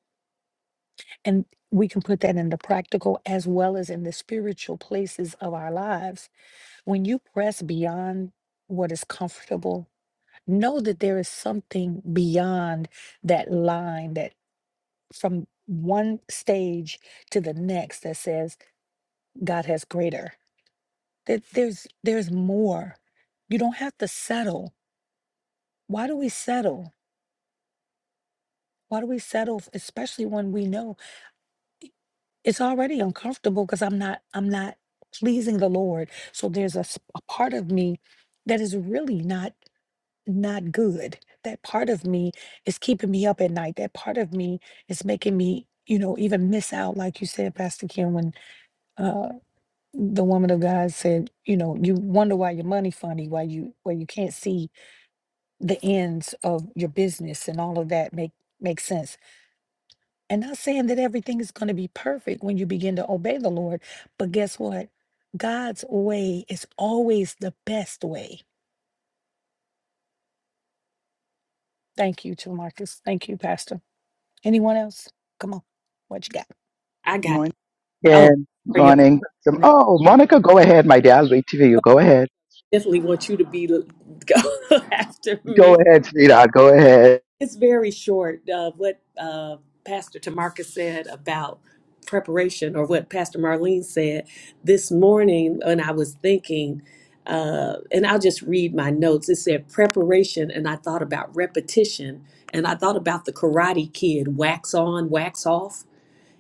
And we can put that in the practical as well as in the spiritual places of our lives. When you press beyond what is comfortable, know that there is something beyond that line that from one stage to the next that says, God has greater. that there's there's more you don't have to settle why do we settle why do we settle f- especially when we know it's already uncomfortable because i'm not i'm not pleasing the lord so there's a, s- a part of me that is really not not good that part of me is keeping me up at night that part of me is making me you know even miss out like you said pastor kim when uh the woman of god said you know you wonder why your money funny why you why you can't see the ends of your business and all of that make make sense. And not saying that everything is going to be perfect when you begin to obey the Lord, but guess what? God's way is always the best way. Thank you, to Marcus. Thank you, Pastor. Anyone else? Come on, what you got?
I got,
Morning.
oh,
Good
sorry. Apostle.
morning. Some-
I
Oh, my-
Definitely want you to be go after me. It's very short. Uh, what uh, Pastor Tamarcus said about preparation, or what Pastor Marlene said this morning when I was thinking, uh, and I'll just read my notes. It said preparation, and I thought about repetition, and I thought about the Karate Kid wax on, wax off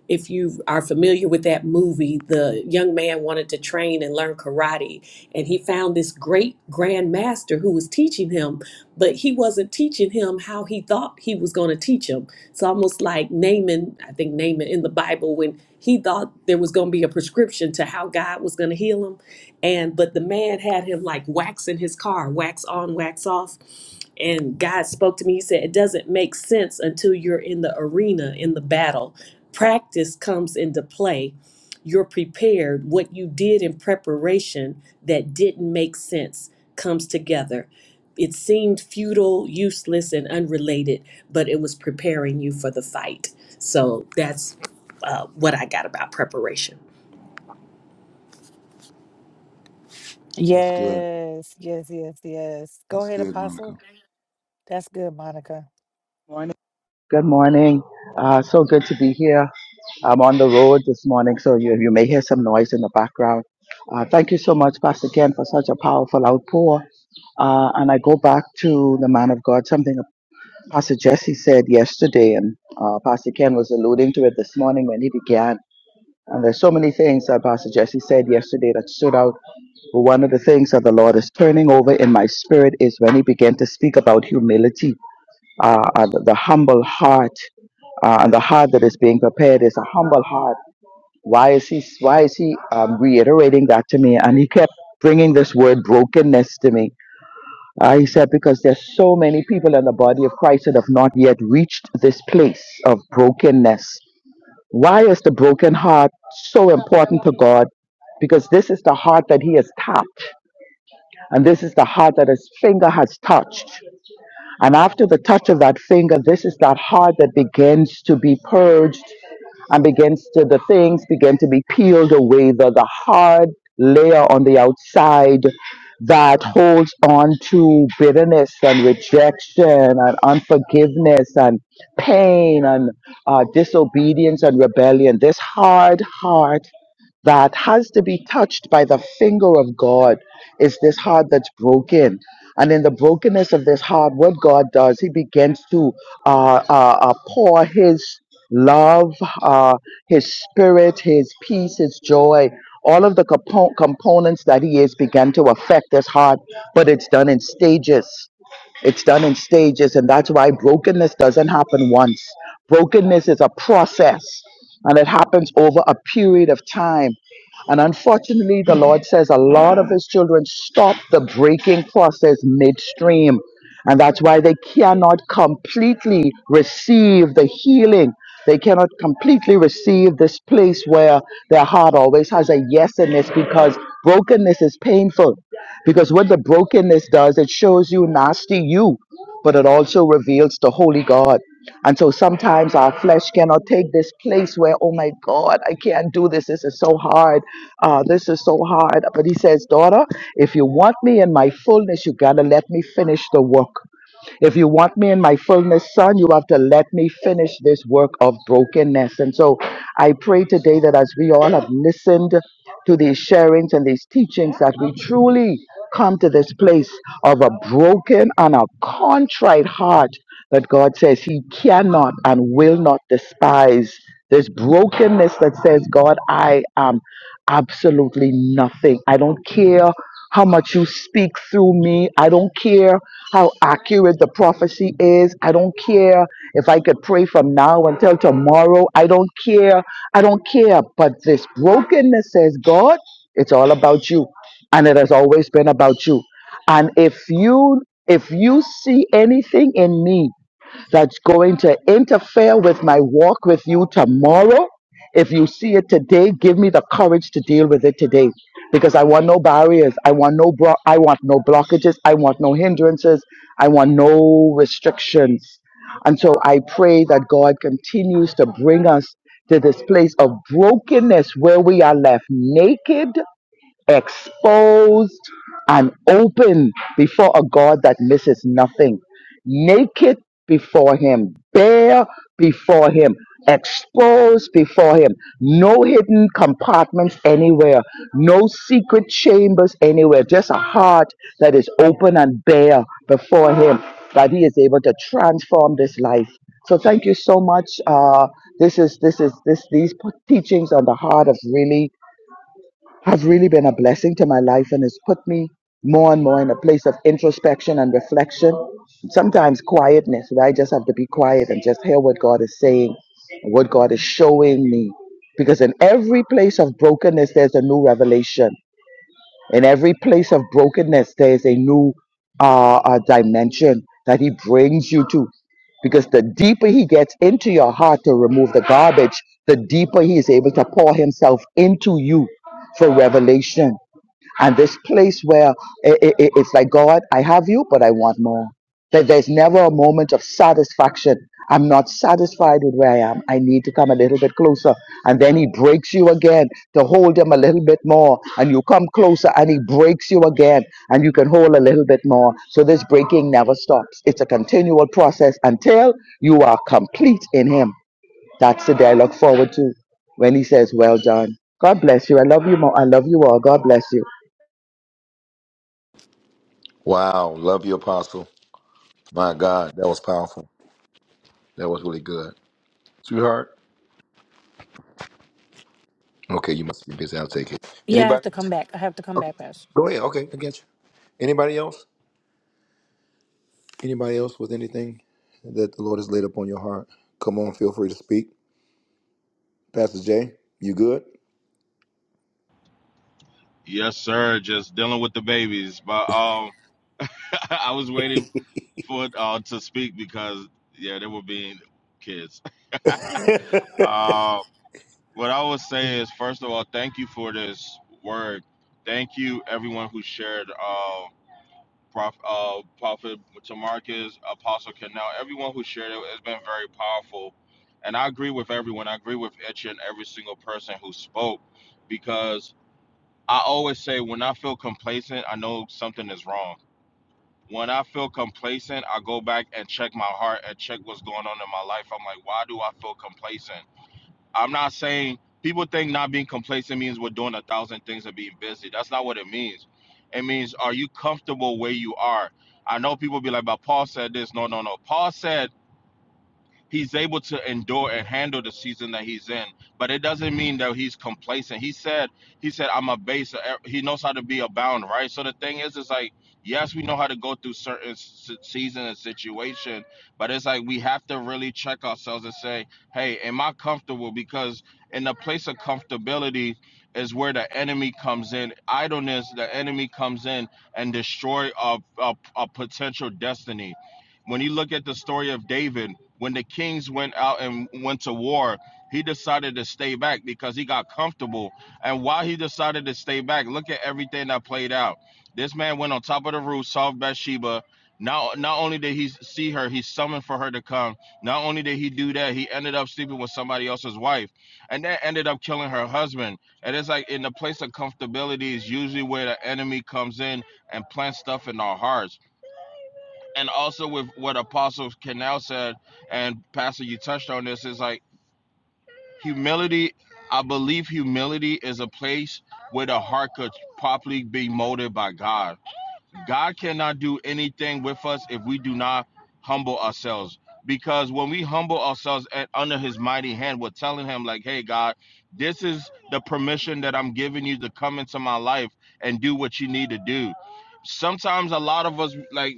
if you are familiar with that movie, the young man wanted to train and learn karate, and he found this great grandmaster who was teaching him, but he wasn't teaching him how he thought he was going to teach him. It's almost like Naaman, I think Naaman in the Bible, when he thought there was going to be a prescription to how God was going to heal him and but the man had him like waxing his car wax on wax off and god spoke to me he said it doesn't make sense until you're in the arena in the battle practice comes into play you're prepared what you did in preparation that didn't make sense comes together it seemed futile useless and unrelated but it was preparing you for the fight so that's uh, what i got about preparation
that's good.
Yes, yes, yes, yes. Go
That's
ahead,
good,
Apostle.
Monica.
That's good, Monica.
good morning. Uh, so good to be here. I'm on the road this morning, so you, you may hear some noise in the background. Uh, thank you so much, Pastor Ken, for such a powerful outpour. Uh, and I go back to the man of God, something Pastor Jesse said yesterday, and uh, Pastor Ken was alluding to it this morning when he began. And there's so many things that Pastor Jesse said yesterday that stood out. But one of the things that the Lord is turning over in my spirit is when he began to speak about humility, uh, and the humble heart, uh, and the heart that is being prepared is a humble heart why is he why is he um, reiterating that to me and he kept bringing this word brokenness to me Uh, He said because there's so many people in the body of christ that have not yet reached this place of brokenness why is the broken heart so important to god because this is the heart that he has tapped and this is the heart that his finger has touched and after the touch of that finger, this is that heart that begins to be purged and begins to, the things begin to be peeled away, the, the hard layer on the outside that holds on to bitterness and rejection and unforgiveness and pain and uh, disobedience and rebellion. This hard heart that has to be touched by the finger of God is this heart that's broken. And in the brokenness of this heart, what God does, He begins to uh, uh, uh, pour His love, uh, His spirit, His peace, His joy, all of the compo- components that He is, begin to affect this heart, but it's done in stages. It's done in stages, and that's why brokenness doesn't happen once. Brokenness is a process, and it happens over a period of time. And unfortunately, the Lord says a lot of His children stop the breaking process midstream. And that's why they cannot completely receive the healing. They cannot completely receive this place where their heart always has a yes in this because brokenness is painful because what the brokenness does, it shows you nasty you, but it also reveals the holy God. And so sometimes our flesh cannot take this place where, oh my God, I can't do this. This is so hard. Uh, this is so hard. But he says, daughter, if you want me in my fullness, you got to let me finish the work. If you want me in my fullness, son, you have to let me finish this work of brokenness. And so I pray today that as we all have listened to these sharings and these teachings, that we truly come to this place of a broken and a contrite heart that God says He cannot and will not despise. This brokenness that says, God, I am absolutely nothing. I don't care how much you speak through me. I don't care how accurate the prophecy is. I don't care if I could pray from now until tomorrow. I don't care. I don't care. But this brokenness says, God, it's all about you. And it has always been about you. And if you if you see anything in me that's going to interfere with my walk with you tomorrow. If you see it today, give me the courage to deal with it today because I want no barriers. I want no bro- I want no blockages. I want no hindrances. I want no restrictions. And so I pray that God continues to bring us to this place of brokenness where we are left naked exposed and open before a God that misses nothing, naked before Him, bare before Him, exposed before Him, no hidden compartments anywhere, no secret chambers anywhere, just a heart that is open and bare before Him, that He is able to transform this life. So thank you so much. Uh, this is this is this these p- teachings on the heart of really has really been a blessing to my life and has put me more and more in a place of introspection and reflection. Sometimes quietness, where I just have to be quiet and just hear what God is saying and what God is showing me. Because in every place of brokenness, there's a new revelation. In every place of brokenness, there is a new uh, uh, dimension that He brings you to. Because the deeper He gets into your heart to remove the garbage, the deeper He is able to pour Himself into you for revelation and this place where i i i- it's like god i have you but i want more that there's never a moment of satisfaction i'm not satisfied with where i am i need to come a little bit closer and then he breaks you again to hold him a little bit more and you come closer and he breaks you again and you can hold a little bit more so this breaking never stops it's a continual process until you are complete in him that's the day i look forward to when he says well done god bless you i love you more i love you all god bless you
Wow. Love you, Apostle. My God, that was powerful. That was really good. Sweetheart? Okay, you must be busy. I'll take it.
Yeah, I have
Anybody
to come
else?
back. I have to come
Okay.
back, Pastor.
Go ahead. Okay, I get you. Anybody else? Anybody else with anything that the Lord has laid upon your heart? Come on, feel free to speak. Pastor Jay, you good?
Yes, sir. Just dealing with the babies, but um, I was waiting for it uh, to speak because yeah, they were being kids. What I would say is, first of all, thank you for this word. Thank you, everyone who shared. Uh, Prof, uh, Prophet Tamarcus, Apostle Canal, everyone who shared it, it's been very powerful. And I agree with everyone. I agree with each and every single person who spoke because I always say when I feel complacent, I know something is wrong. When I feel complacent, I go back and check my heart and check what's going on in my life. I'm like, why do I feel complacent? I'm not saying people think not being complacent means we're doing a thousand things and being busy. That's not what it means. It means are you comfortable where you are? I know people be like, but Paul said this. No, no, no. Paul said he's able to endure and handle the season that he's in. But it doesn't mean that he's complacent. He said, he said, I'm a base. He knows how to be abound, right? So the thing is, it's like, yes, we know how to go through certain s- season and situation, but it's like we have to really check ourselves and say, hey, am I comfortable? Because in the place of comfortability is where the enemy comes in. Idleness, the enemy comes in and destroy a, a, a potential destiny. When you look at the story of David, when the kings went out and went to war, he decided to stay back because he got comfortable. And while he decided to stay back, look at everything that played out. This man went on top of the roof, saw Bathsheba. Now, not only did he see her, he summoned for her to come. Not only did he do that, he ended up sleeping with somebody else's wife, and that ended up killing her husband. And it's like in the place of comfortability is usually where the enemy comes in and plants stuff in our hearts and also with what Apostle Canal said, and Pastor, you touched on this, is like humility. I believe humility is a place where the heart could properly be molded by God God cannot do anything with us if we do not humble ourselves. Because when we humble ourselves at, under his mighty hand, we're telling him, like, hey, God, this is the permission that I'm giving you to come into my life and do what you need to do. Sometimes a lot of us, like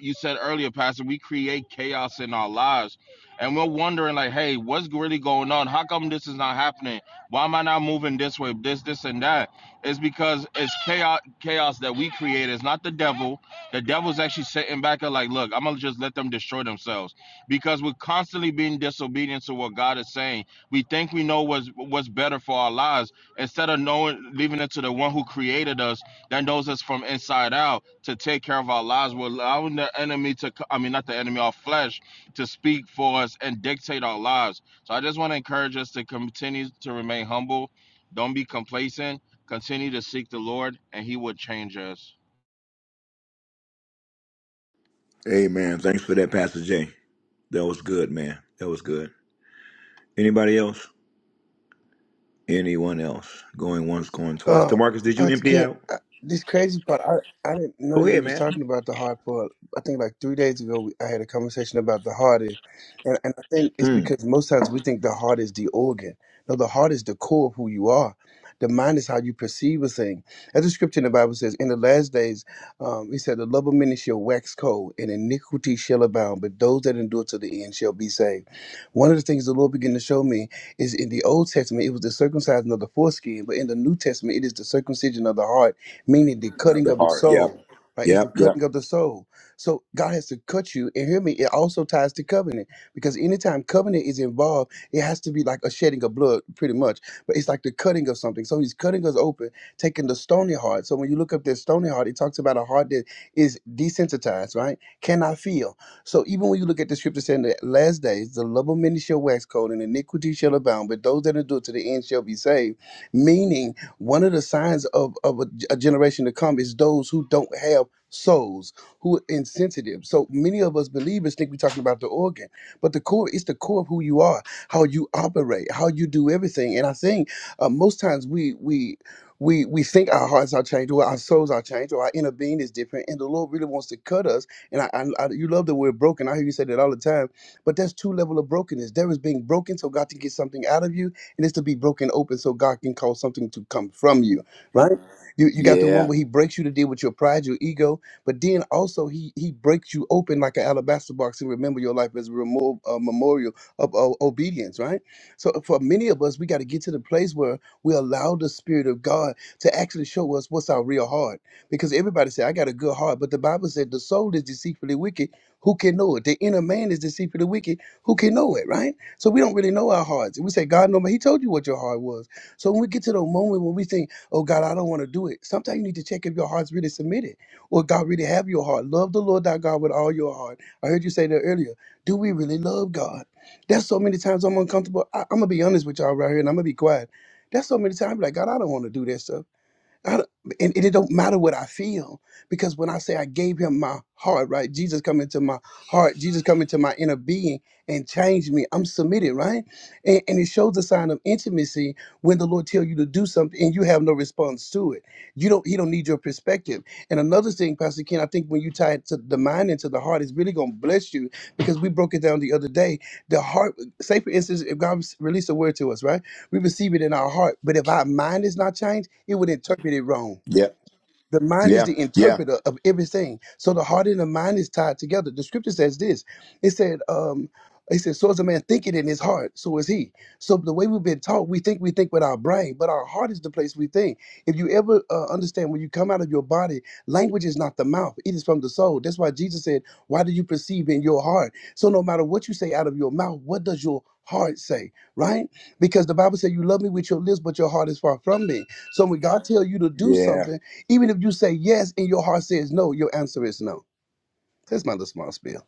you said earlier, Pastor, we create chaos in our lives. And we're wondering, like, hey, what's really going on? How come this is not happening? Why am I not moving this way, this, this, and that? It's because it's chaos chaos that we create. It's not the devil. The devil's actually sitting back and like, look, I'm gonna just let them destroy themselves. Because we're constantly being disobedient to what God is saying. We think we know what's what's better for our lives instead of knowing leaving it to the one who created us that knows us from inside out to take care of our lives. We're allowing the enemy to co- I mean not the enemy, our flesh to speak for us and dictate our lives. So I just want to encourage us to continue to remain humble. Don't be complacent Continue to seek the Lord, and He will change us.
Hey man, thanks for that, Pastor Jay. That was good, man. That was good. Anybody else? Anyone else? Going once, going twice.
Uh,
Demarcus, did you
Pastor
empty
Ken,
out?
I, this crazy part, I, I didn't know
Go
you
ahead,
was
man.
talking about the hard part. I think like three days ago, we, I had a conversation about the heart, and, and and I think it's because most times we think the heart is the organ. No, the heart is the core of who you are. The mind is how you perceive a thing. As the scripture in the Bible says, in the last days, um, he said, the love of many shall wax cold, and iniquity shall abound, but those that endure to the end shall be saved. One of the things the Lord began to show me is in the Old Testament, it was the circumcision of the foreskin, but in the New Testament, it is the circumcision of the heart, meaning the
Of
cutting
the
of the
heart. Yep.
soul. Right? It's the
Yep. Yep.
cutting of the soul. So God has to cut you. And hear me, it also ties to covenant because anytime covenant is involved, it has to be like a shedding of blood, pretty much. But it's like the cutting of something. So He's cutting us open, taking the stony heart. So when you look up this stony heart, it talks about a heart that is desensitized, right? Cannot feel so even when you look at the scripture saying that last days the love of many shall wax cold and iniquity shall abound, but those that endure to the end shall be saved. Meaning, one of the signs of, of a, a generation to come is those who don't have souls, who are insensitive. So many of us believers think we're talking about the organ, but the core is the core of who you are, how you operate, how you do everything. And I think uh, most times we we we we think our hearts are changed or our souls are changed or our inner being is different, and the Lord really wants to cut us and I, I, I you love the word broken. I hear you say that all the time. But there's two level of brokenness. There is being broken so God can get something out of you, and it's to be broken open so God can cause something to come from you. Right? You you got the one
Yeah.
where He breaks you to deal with your pride, your ego, but then also He He breaks you open like an alabaster box and remember your life as a, remo- a memorial of uh, obedience. Right? So for many of us, we got to get to the place where we allow the Spirit of God to actually show us what's our real heart. Because everybody said, I got a good heart. But the Bible said the soul is deceitfully wicked. Who can know it? The inner man is deceitfully wicked. Who can know it, right? So we don't really know our hearts. We say, God, no, but He told you what your heart was. So when we get to the moment when we think, oh, God, I don't want to do it, sometimes you need to check if your heart's really submitted or God really have your heart. Love the Lord thy God with all your heart. I heard you say that earlier. Do we really love God? That's so many times I'm uncomfortable. I, I'm going to be honest with y'all right here and I'm going to be quiet. That's so many times, I'm like, God, I don't want to do that stuff. I don't- and and it don't matter what I feel because when I say I gave him my heart, right? Jesus come into my heart, Jesus come into my inner being and change me. I'm submitted, right? And, and it shows a sign of intimacy when the Lord tell you to do something and you have no response to it. You don't. He don't need your perspective. And another thing, Pastor Ken, I think when you tie it to the mind and to the heart, it's really gonna bless you because we broke it down the other day. The heart, say for instance, if God released a word to us, right? We receive it in our heart. But if our mind is not changed, it would interpret it wrong.
Yep.
The mind is
Yeah.
the
Yeah.
interpreter of everything. So the heart and the mind is tied together. The scripture says this. It said, um, it said, so as a man thinking in his heart, so is he. So the way we've been taught, we think we think with our brain, but our heart is the place we think. If you ever uh, understand, when you come out of your body, language is not the mouth; it is from the soul. That's why Jesus said, "Why do you perceive in your heart?" So no matter what you say out of your mouth, what does your heart say, right? Because the Bible said, "You love me with your lips, but your heart is far from me." So when God tell you to do
Yeah.
something even if you say yes and your heart says no, your answer is no. That's my little small spiel.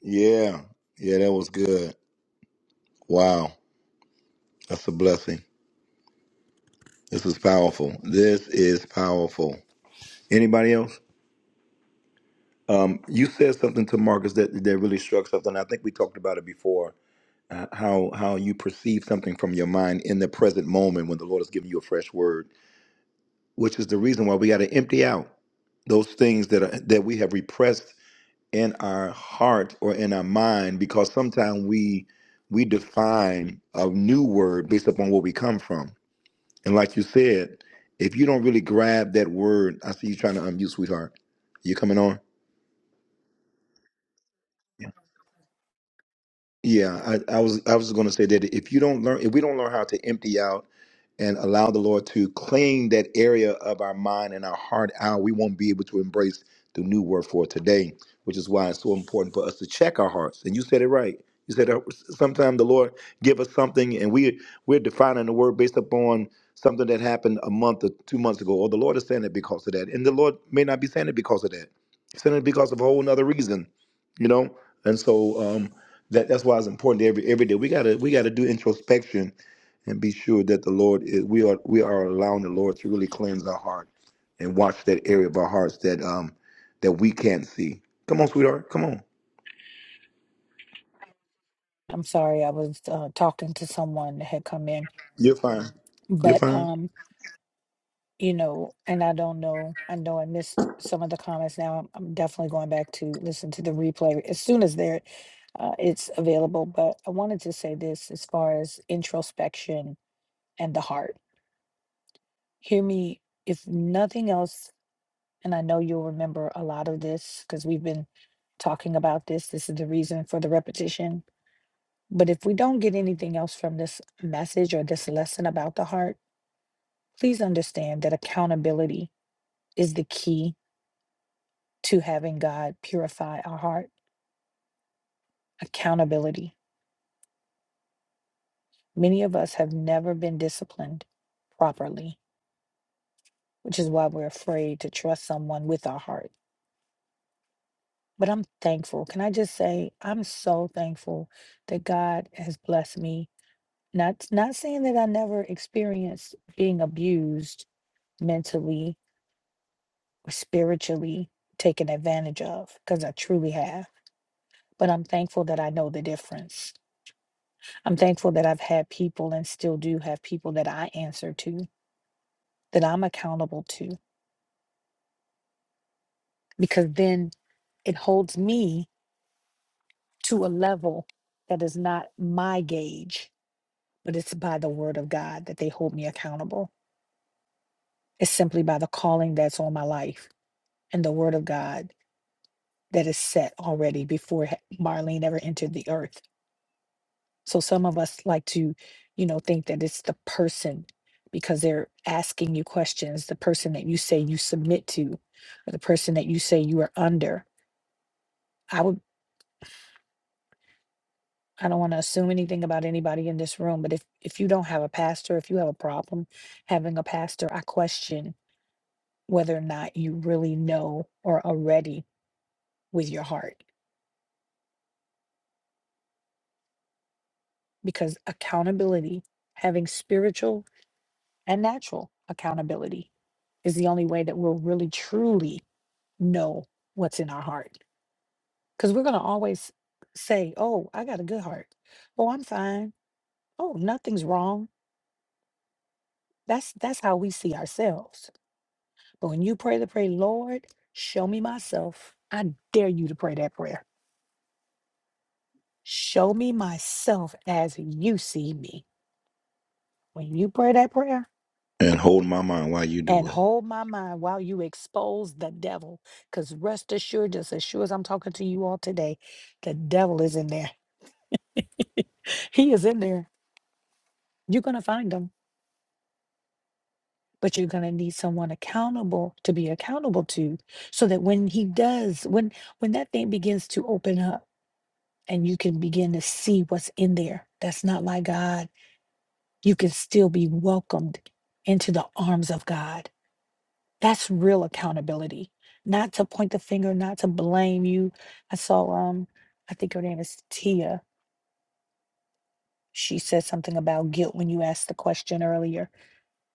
Yeah. Yeah. That was good. Wow. That's a blessing. This is powerful. This is powerful. Anybody else? Um, you said something to Marcus that that really struck something. I think we talked about it before. Uh, how how you perceive something from your mind in the present moment when the Lord is giving you a fresh word, which is the reason why we got to empty out those things that are, that we have repressed in our heart or in our mind because sometimes we we define a new word based upon where we come from. And like you said, if you don't really grab that word, I see you trying to unmute, sweetheart. You coming on? Yeah, I, I was I was going to say that if you don't learn, if we don't learn how to empty out and allow the Lord to claim that area of our mind and our heart out, we won't be able to embrace the new word for today, which is why it's so important for us to check our hearts. And you said it right. You said sometimes the Lord give us something, and we we're defining the word based upon something that happened a month or two months ago, or the Lord is saying it because of that, and the Lord may not be saying it because of that. He's saying it because of a whole other reason, you know. And so um, that that's why it's important that every every day. We gotta we gotta do introspection and be sure that the Lord is we are we are allowing the Lord to really cleanse our heart and watch that area of our hearts that um that we can't see. Come on, sweetheart. Come on.
I'm sorry, I was uh, talking to someone that had come in,
You're fine. You're
but
fine.
um, you know, and I don't know. I know I missed some of the comments. Now I'm, I'm definitely going back to listen to the replay as soon as there uh, it's available. But I wanted to say this as far as introspection and the heart. Hear me, if nothing else, and I know you'll remember a lot of this because we've been talking about this. This is the reason for the repetition. But if we don't get anything else from this message or this lesson about the heart Please understand that accountability is the key to having God purify our heart. Accountability. Many of us have never been disciplined properly, which is why we're afraid to trust someone with our heart. But I'm thankful. Can I just say, I'm so thankful that God has blessed me. Not, not saying that I never experienced being abused mentally or spiritually, taken advantage of, because I truly have. But I'm thankful that I know the difference I'm thankful that I've had people and still do have people that I answer to, that I'm accountable to, because then it holds me to a level that is not my gauge, but it's by the word of God that they hold me accountable. It's simply by the calling that's on my life and the word of God that is set already before he- Marlene ever entered the earth So some of us like to, you know, think that it's the person because they're asking you questions, the person that you say you submit to, or the person that you say you are under. I would I don't want to assume anything about anybody in this room, but if if you don't have a pastor, if you have a problem having a pastor, I question whether or not you really know or are ready with your heart because accountability, having spiritual and natural accountability is the only way that we'll really truly know what's in our heart. Because we're going to always say, oh, I got a good heart. Oh, I'm fine. Oh, nothing's wrong. That's that's how we see ourselves. But when you pray the prayer, Lord, show me myself. I dare you to pray that prayer. Show me myself as you see me. When you pray that prayer
And hold my mind while you
and
do it.
hold my mind while you expose the devil, because rest assured, just as sure as I'm talking to you all today, the devil is in there. he is in there. You're going to find him but you're going to need someone accountable to be accountable to so that when he does when when that thing begins to open up and you can begin to see what's in there that's not like god you can still be welcomed into the arms of god that's real accountability not to point the finger not to blame you i saw um i think her name is tia she said something about guilt when you asked the question earlier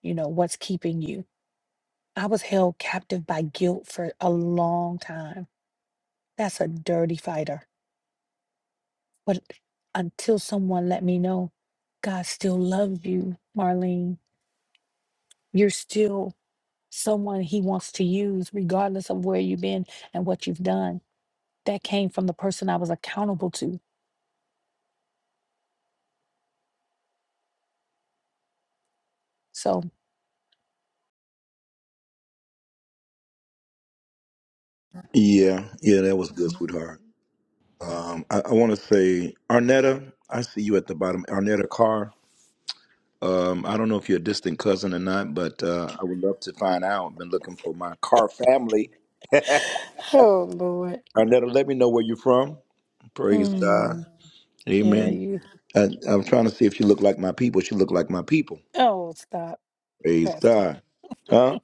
you know what's keeping you I was held captive by guilt for a long time. That's a dirty fighter. But until someone let me know, God still loves you, Marlene. You're still someone he wants to use, regardless of where you've been and what you've done. That came from the person I was accountable to. So,
Yeah, yeah, that was good, sweetheart. Um, I, I want to say, Arnetta, I see you at the bottom. Arnetta Carr. Um, I don't know if you're a distant cousin or not, but uh, I would love to find out. Been looking for my Carr family.
oh Lord.
Arnetta, let me know where you're from. Praise God.
Mm, yeah,
Amen.
you.
And I'm trying to see if she looked like my people. She looked like my people.
Oh, stop,
Praise
Pastor.
God. Huh?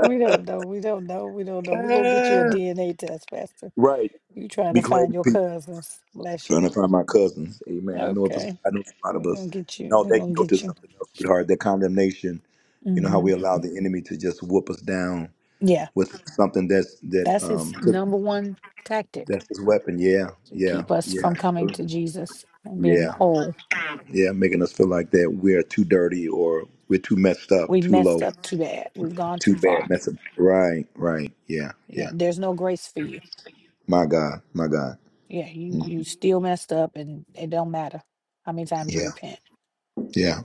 We don't know. We don't know. We don't know. We're going to get you a DNA test, Pastor.
right.
You trying to
Be
find
claiming
your
people.
cousins. Bless
Trying
you.
to find my cousins. Amen. I know if it's,
Okay.
I know it's a lot of
We're gonna
us.
get you.
No,
We're
that
gonna
guilt
get
is
you.
something else, sweetheart. That condemnation. You know how
hmm
we allow the enemy to just whoop us down
Yeah.
with something that's that
That's his
um took-
number one tactic
that's his weapon. Yeah,
to
yeah,
keep us
yeah,
from coming to Jesus and being
yeah,
whole.
yeah. Making us feel like that we're too dirty or we're too messed up,
We
too low.
messed up too bad. We've gone
Too
too
bad.
far.
That's a, right, right. Yeah, yeah.
Yeah, there's no grace for you.
My God, my God.
Yeah, you
Mm,
you still messed up and it don't matter how many times you
Yeah,
repent.
yeah.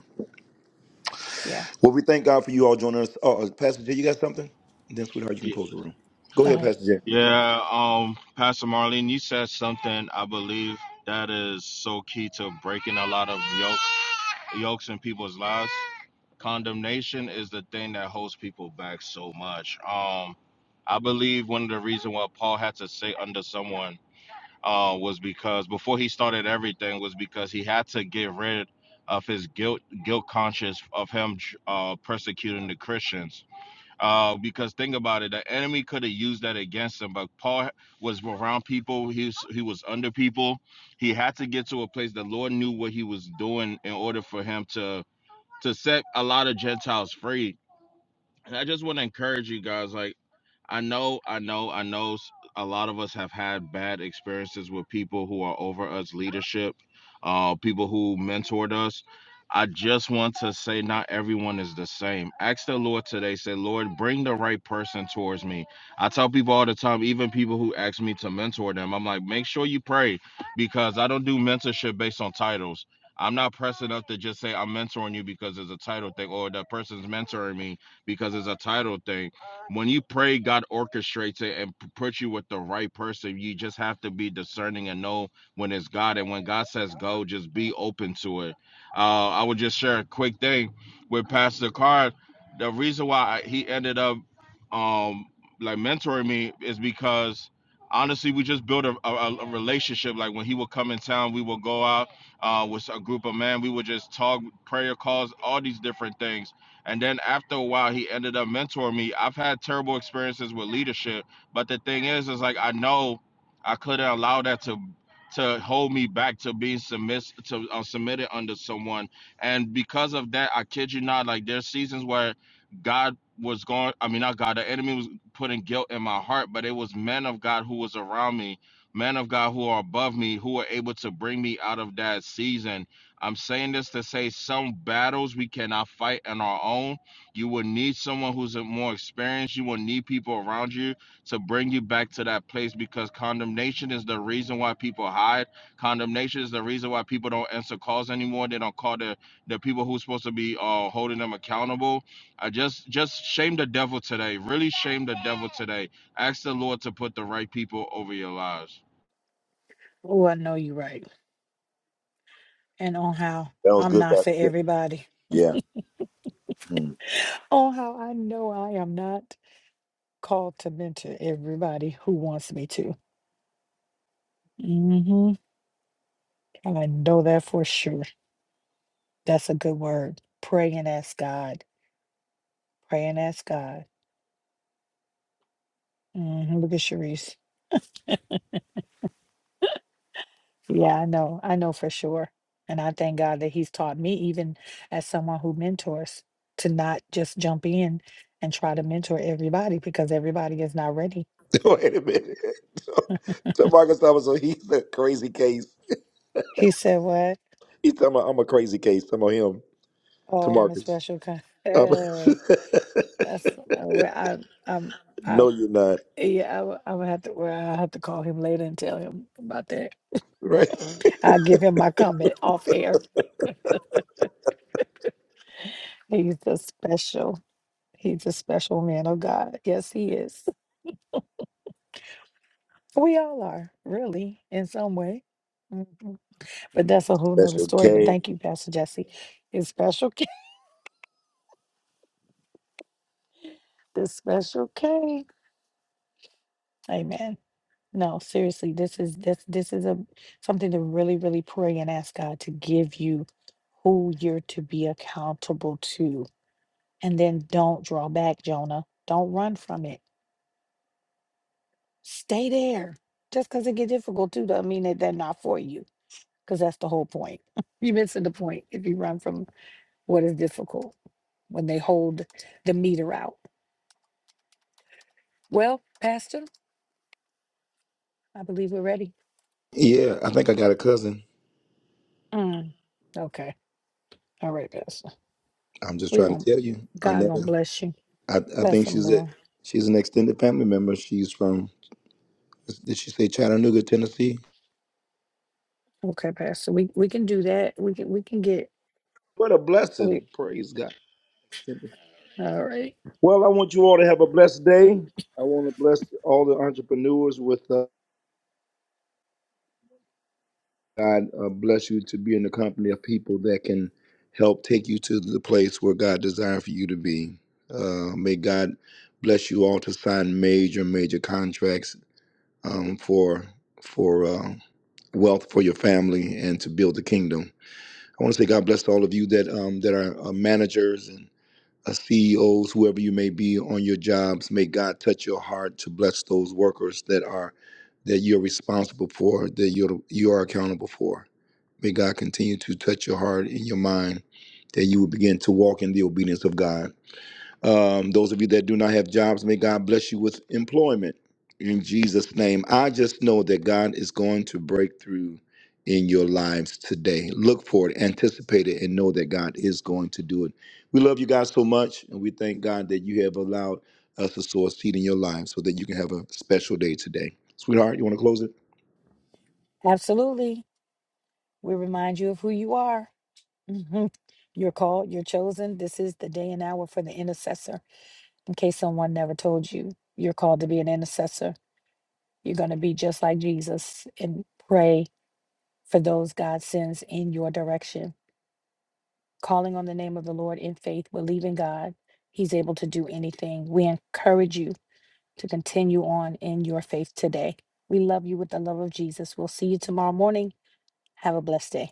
Yeah.
Well, we thank God for you all joining us. Oh, uh, Pastor J, you got something? Then, sweetheart, you can
Y-
close the room. Go
All
ahead,
right.
Pastor J.
Yeah, um, Pastor Marlene, you said something I believe that is so key to breaking a lot of yokes, yokes in people's lives. Condemnation is the thing that holds people back so much. Um, I believe one of the reasons why Paul had to say under someone uh, was because before he started everything was because he had to get rid of his guilt, guilt conscious of him uh, persecuting the Christians Uh, because think about it, the enemy could have used that against him, but Paul was around people. He was, he was under people. He had to get to a place the Lord knew what he was doing in order for him to to set a lot of Gentiles free and I just want to encourage you guys. Like, I know, I know, I know s- a lot of us have had bad experiences with people who are over us leadership, uh, people who mentored us. I just want to say, not everyone is the same. Ask the Lord today, say, Lord, bring the right person towards me. I tell people all the time, even people who ask me to mentor them, I'm like, make sure you pray because I don't do mentorship based on titles. I'm not pressing up to just say I'm mentoring you because there's a title thing or that person's mentoring me because it's a title thing. When you pray, God orchestrates it and puts you with the right person. You just have to be discerning and know when it's God. And when God says go, just be open to it. Uh, I would just share a quick thing with Pastor Card. The reason why he ended up um, like mentoring me is because honestly, we just built a, a, a a relationship. Like when he would come in town, we would go out uh, with a group of men. We would just talk prayer calls, all these different things. And then after a while, he ended up mentoring me. I've had terrible experiences with leadership, but the thing is, is like I know I couldn't allow that to to hold me back to being submiss to uh, submitted under someone. And because of that, I kid you not, like there's seasons where God was going. I mean, not God. The enemy was putting guilt in my heart, but it was men of God who was around me, men of God who are above me, who were able to bring me out of that season I'm saying this to say some battles we cannot fight on our own. You will need someone who's more experienced. You will need people around you to bring you back to that place because condemnation is the reason why people hide. Condemnation is the reason why people don't answer calls anymore. They don't call the, the people who's supposed to be uh, holding them accountable. I just just shame the devil today. Really shame the devil today. Ask the Lord to put the right people over your lives.
Oh, I know you're right. And on how
That was
I'm
good,
not for
Pastor J.
everybody.
Yeah. Mm.
On how I know I am not. called to mentor everybody who wants me to. hmm And I know that for sure. That's a good word. Pray and ask God. Pray and ask God. hmm Look at Sharice. Yeah, I know. I know for sure. And I thank God that He's taught me, even as someone who mentors, to not just jump in and try to mentor everybody because everybody is not ready.
Wait a minute. To Marcus so he's a crazy case.
He said, "What?
He's talking about I'm a crazy case. Some of him, to
Oh, I'm a
Marcus.
special kind."
Um,
Uh, that's uh, where I, I'm. I
no, you're not.
Yeah, I w- I would have to. Well, I have to call him later and tell him about that.
Right.
I'll give him my comment off air. He's a special. He's a special man of God. Yes, he is. We all are, really, in some way. Mhm. But that's a whole
That's
nother story. But
okay.
thank you, Pastor Jesse. His special, K- this special K. Amen. No, seriously, this is this this is a something to really, really pray and ask God to give you who you're to be accountable to And then don't draw back, Jonah. Don't run from it. Stay there. Just because it get difficult too doesn't mean that they're not for you. Because that's the whole point. You're missing the point if you run from what is difficult when they hold the meter out. Well, Pastor, I believe we're ready.
Yeah, I think I got a cousin.
Mm, okay. All right, Pastor.
I'm just
we
trying
gonna
to tell you,
God gonna
Arnetta.
bless you.
I, I
Bless
think
him,
she's a
Lord.
she's an extended family member. She's from did she say Chattanooga, Tennessee?
Okay, Pastor. We we can do that. We can we can get
What a
we,
blessing! Praise God.
all right.
Well, I want you all to have a blessed day. I want to bless all the entrepreneurs with uh, God. Uh, bless you to be in the company of people that can help take you to the place where God designed for you to be. Uh, may God bless you all to sign major, major contracts um, for for uh, wealth for your family and to build the kingdom. I want to say God bless to all of you that um, that are uh, managers and uh, CEOs, whoever you may be on your jobs. May God touch your heart to bless those workers that are that you're responsible for, that you're you are accountable for. May God continue to touch your heart and your mind, that you will begin to walk in the obedience of God. Um, those of you that do not have jobs, may God bless you with employment in Jesus' name. I just know that God is going to break through in your lives today. Look for it, anticipate it, and know that God is going to do it. We love you guys so much, and we thank God that you have allowed us to sow a seed in your life so that you can have a special day today. Sweetheart, you want to close it?
Absolutely. We remind you of who you are Mhm. You're called, you're chosen. This is the day and hour for the intercessor. In case someone never told you, you're called to be an intercessor. You're going to be just like Jesus and pray for those God sends in your direction. Calling on the name of the Lord in faith, believing God, He's able to do anything. We encourage you to continue on in your faith today. We love you with the love of Jesus. We'll see you tomorrow morning. Have a blessed day.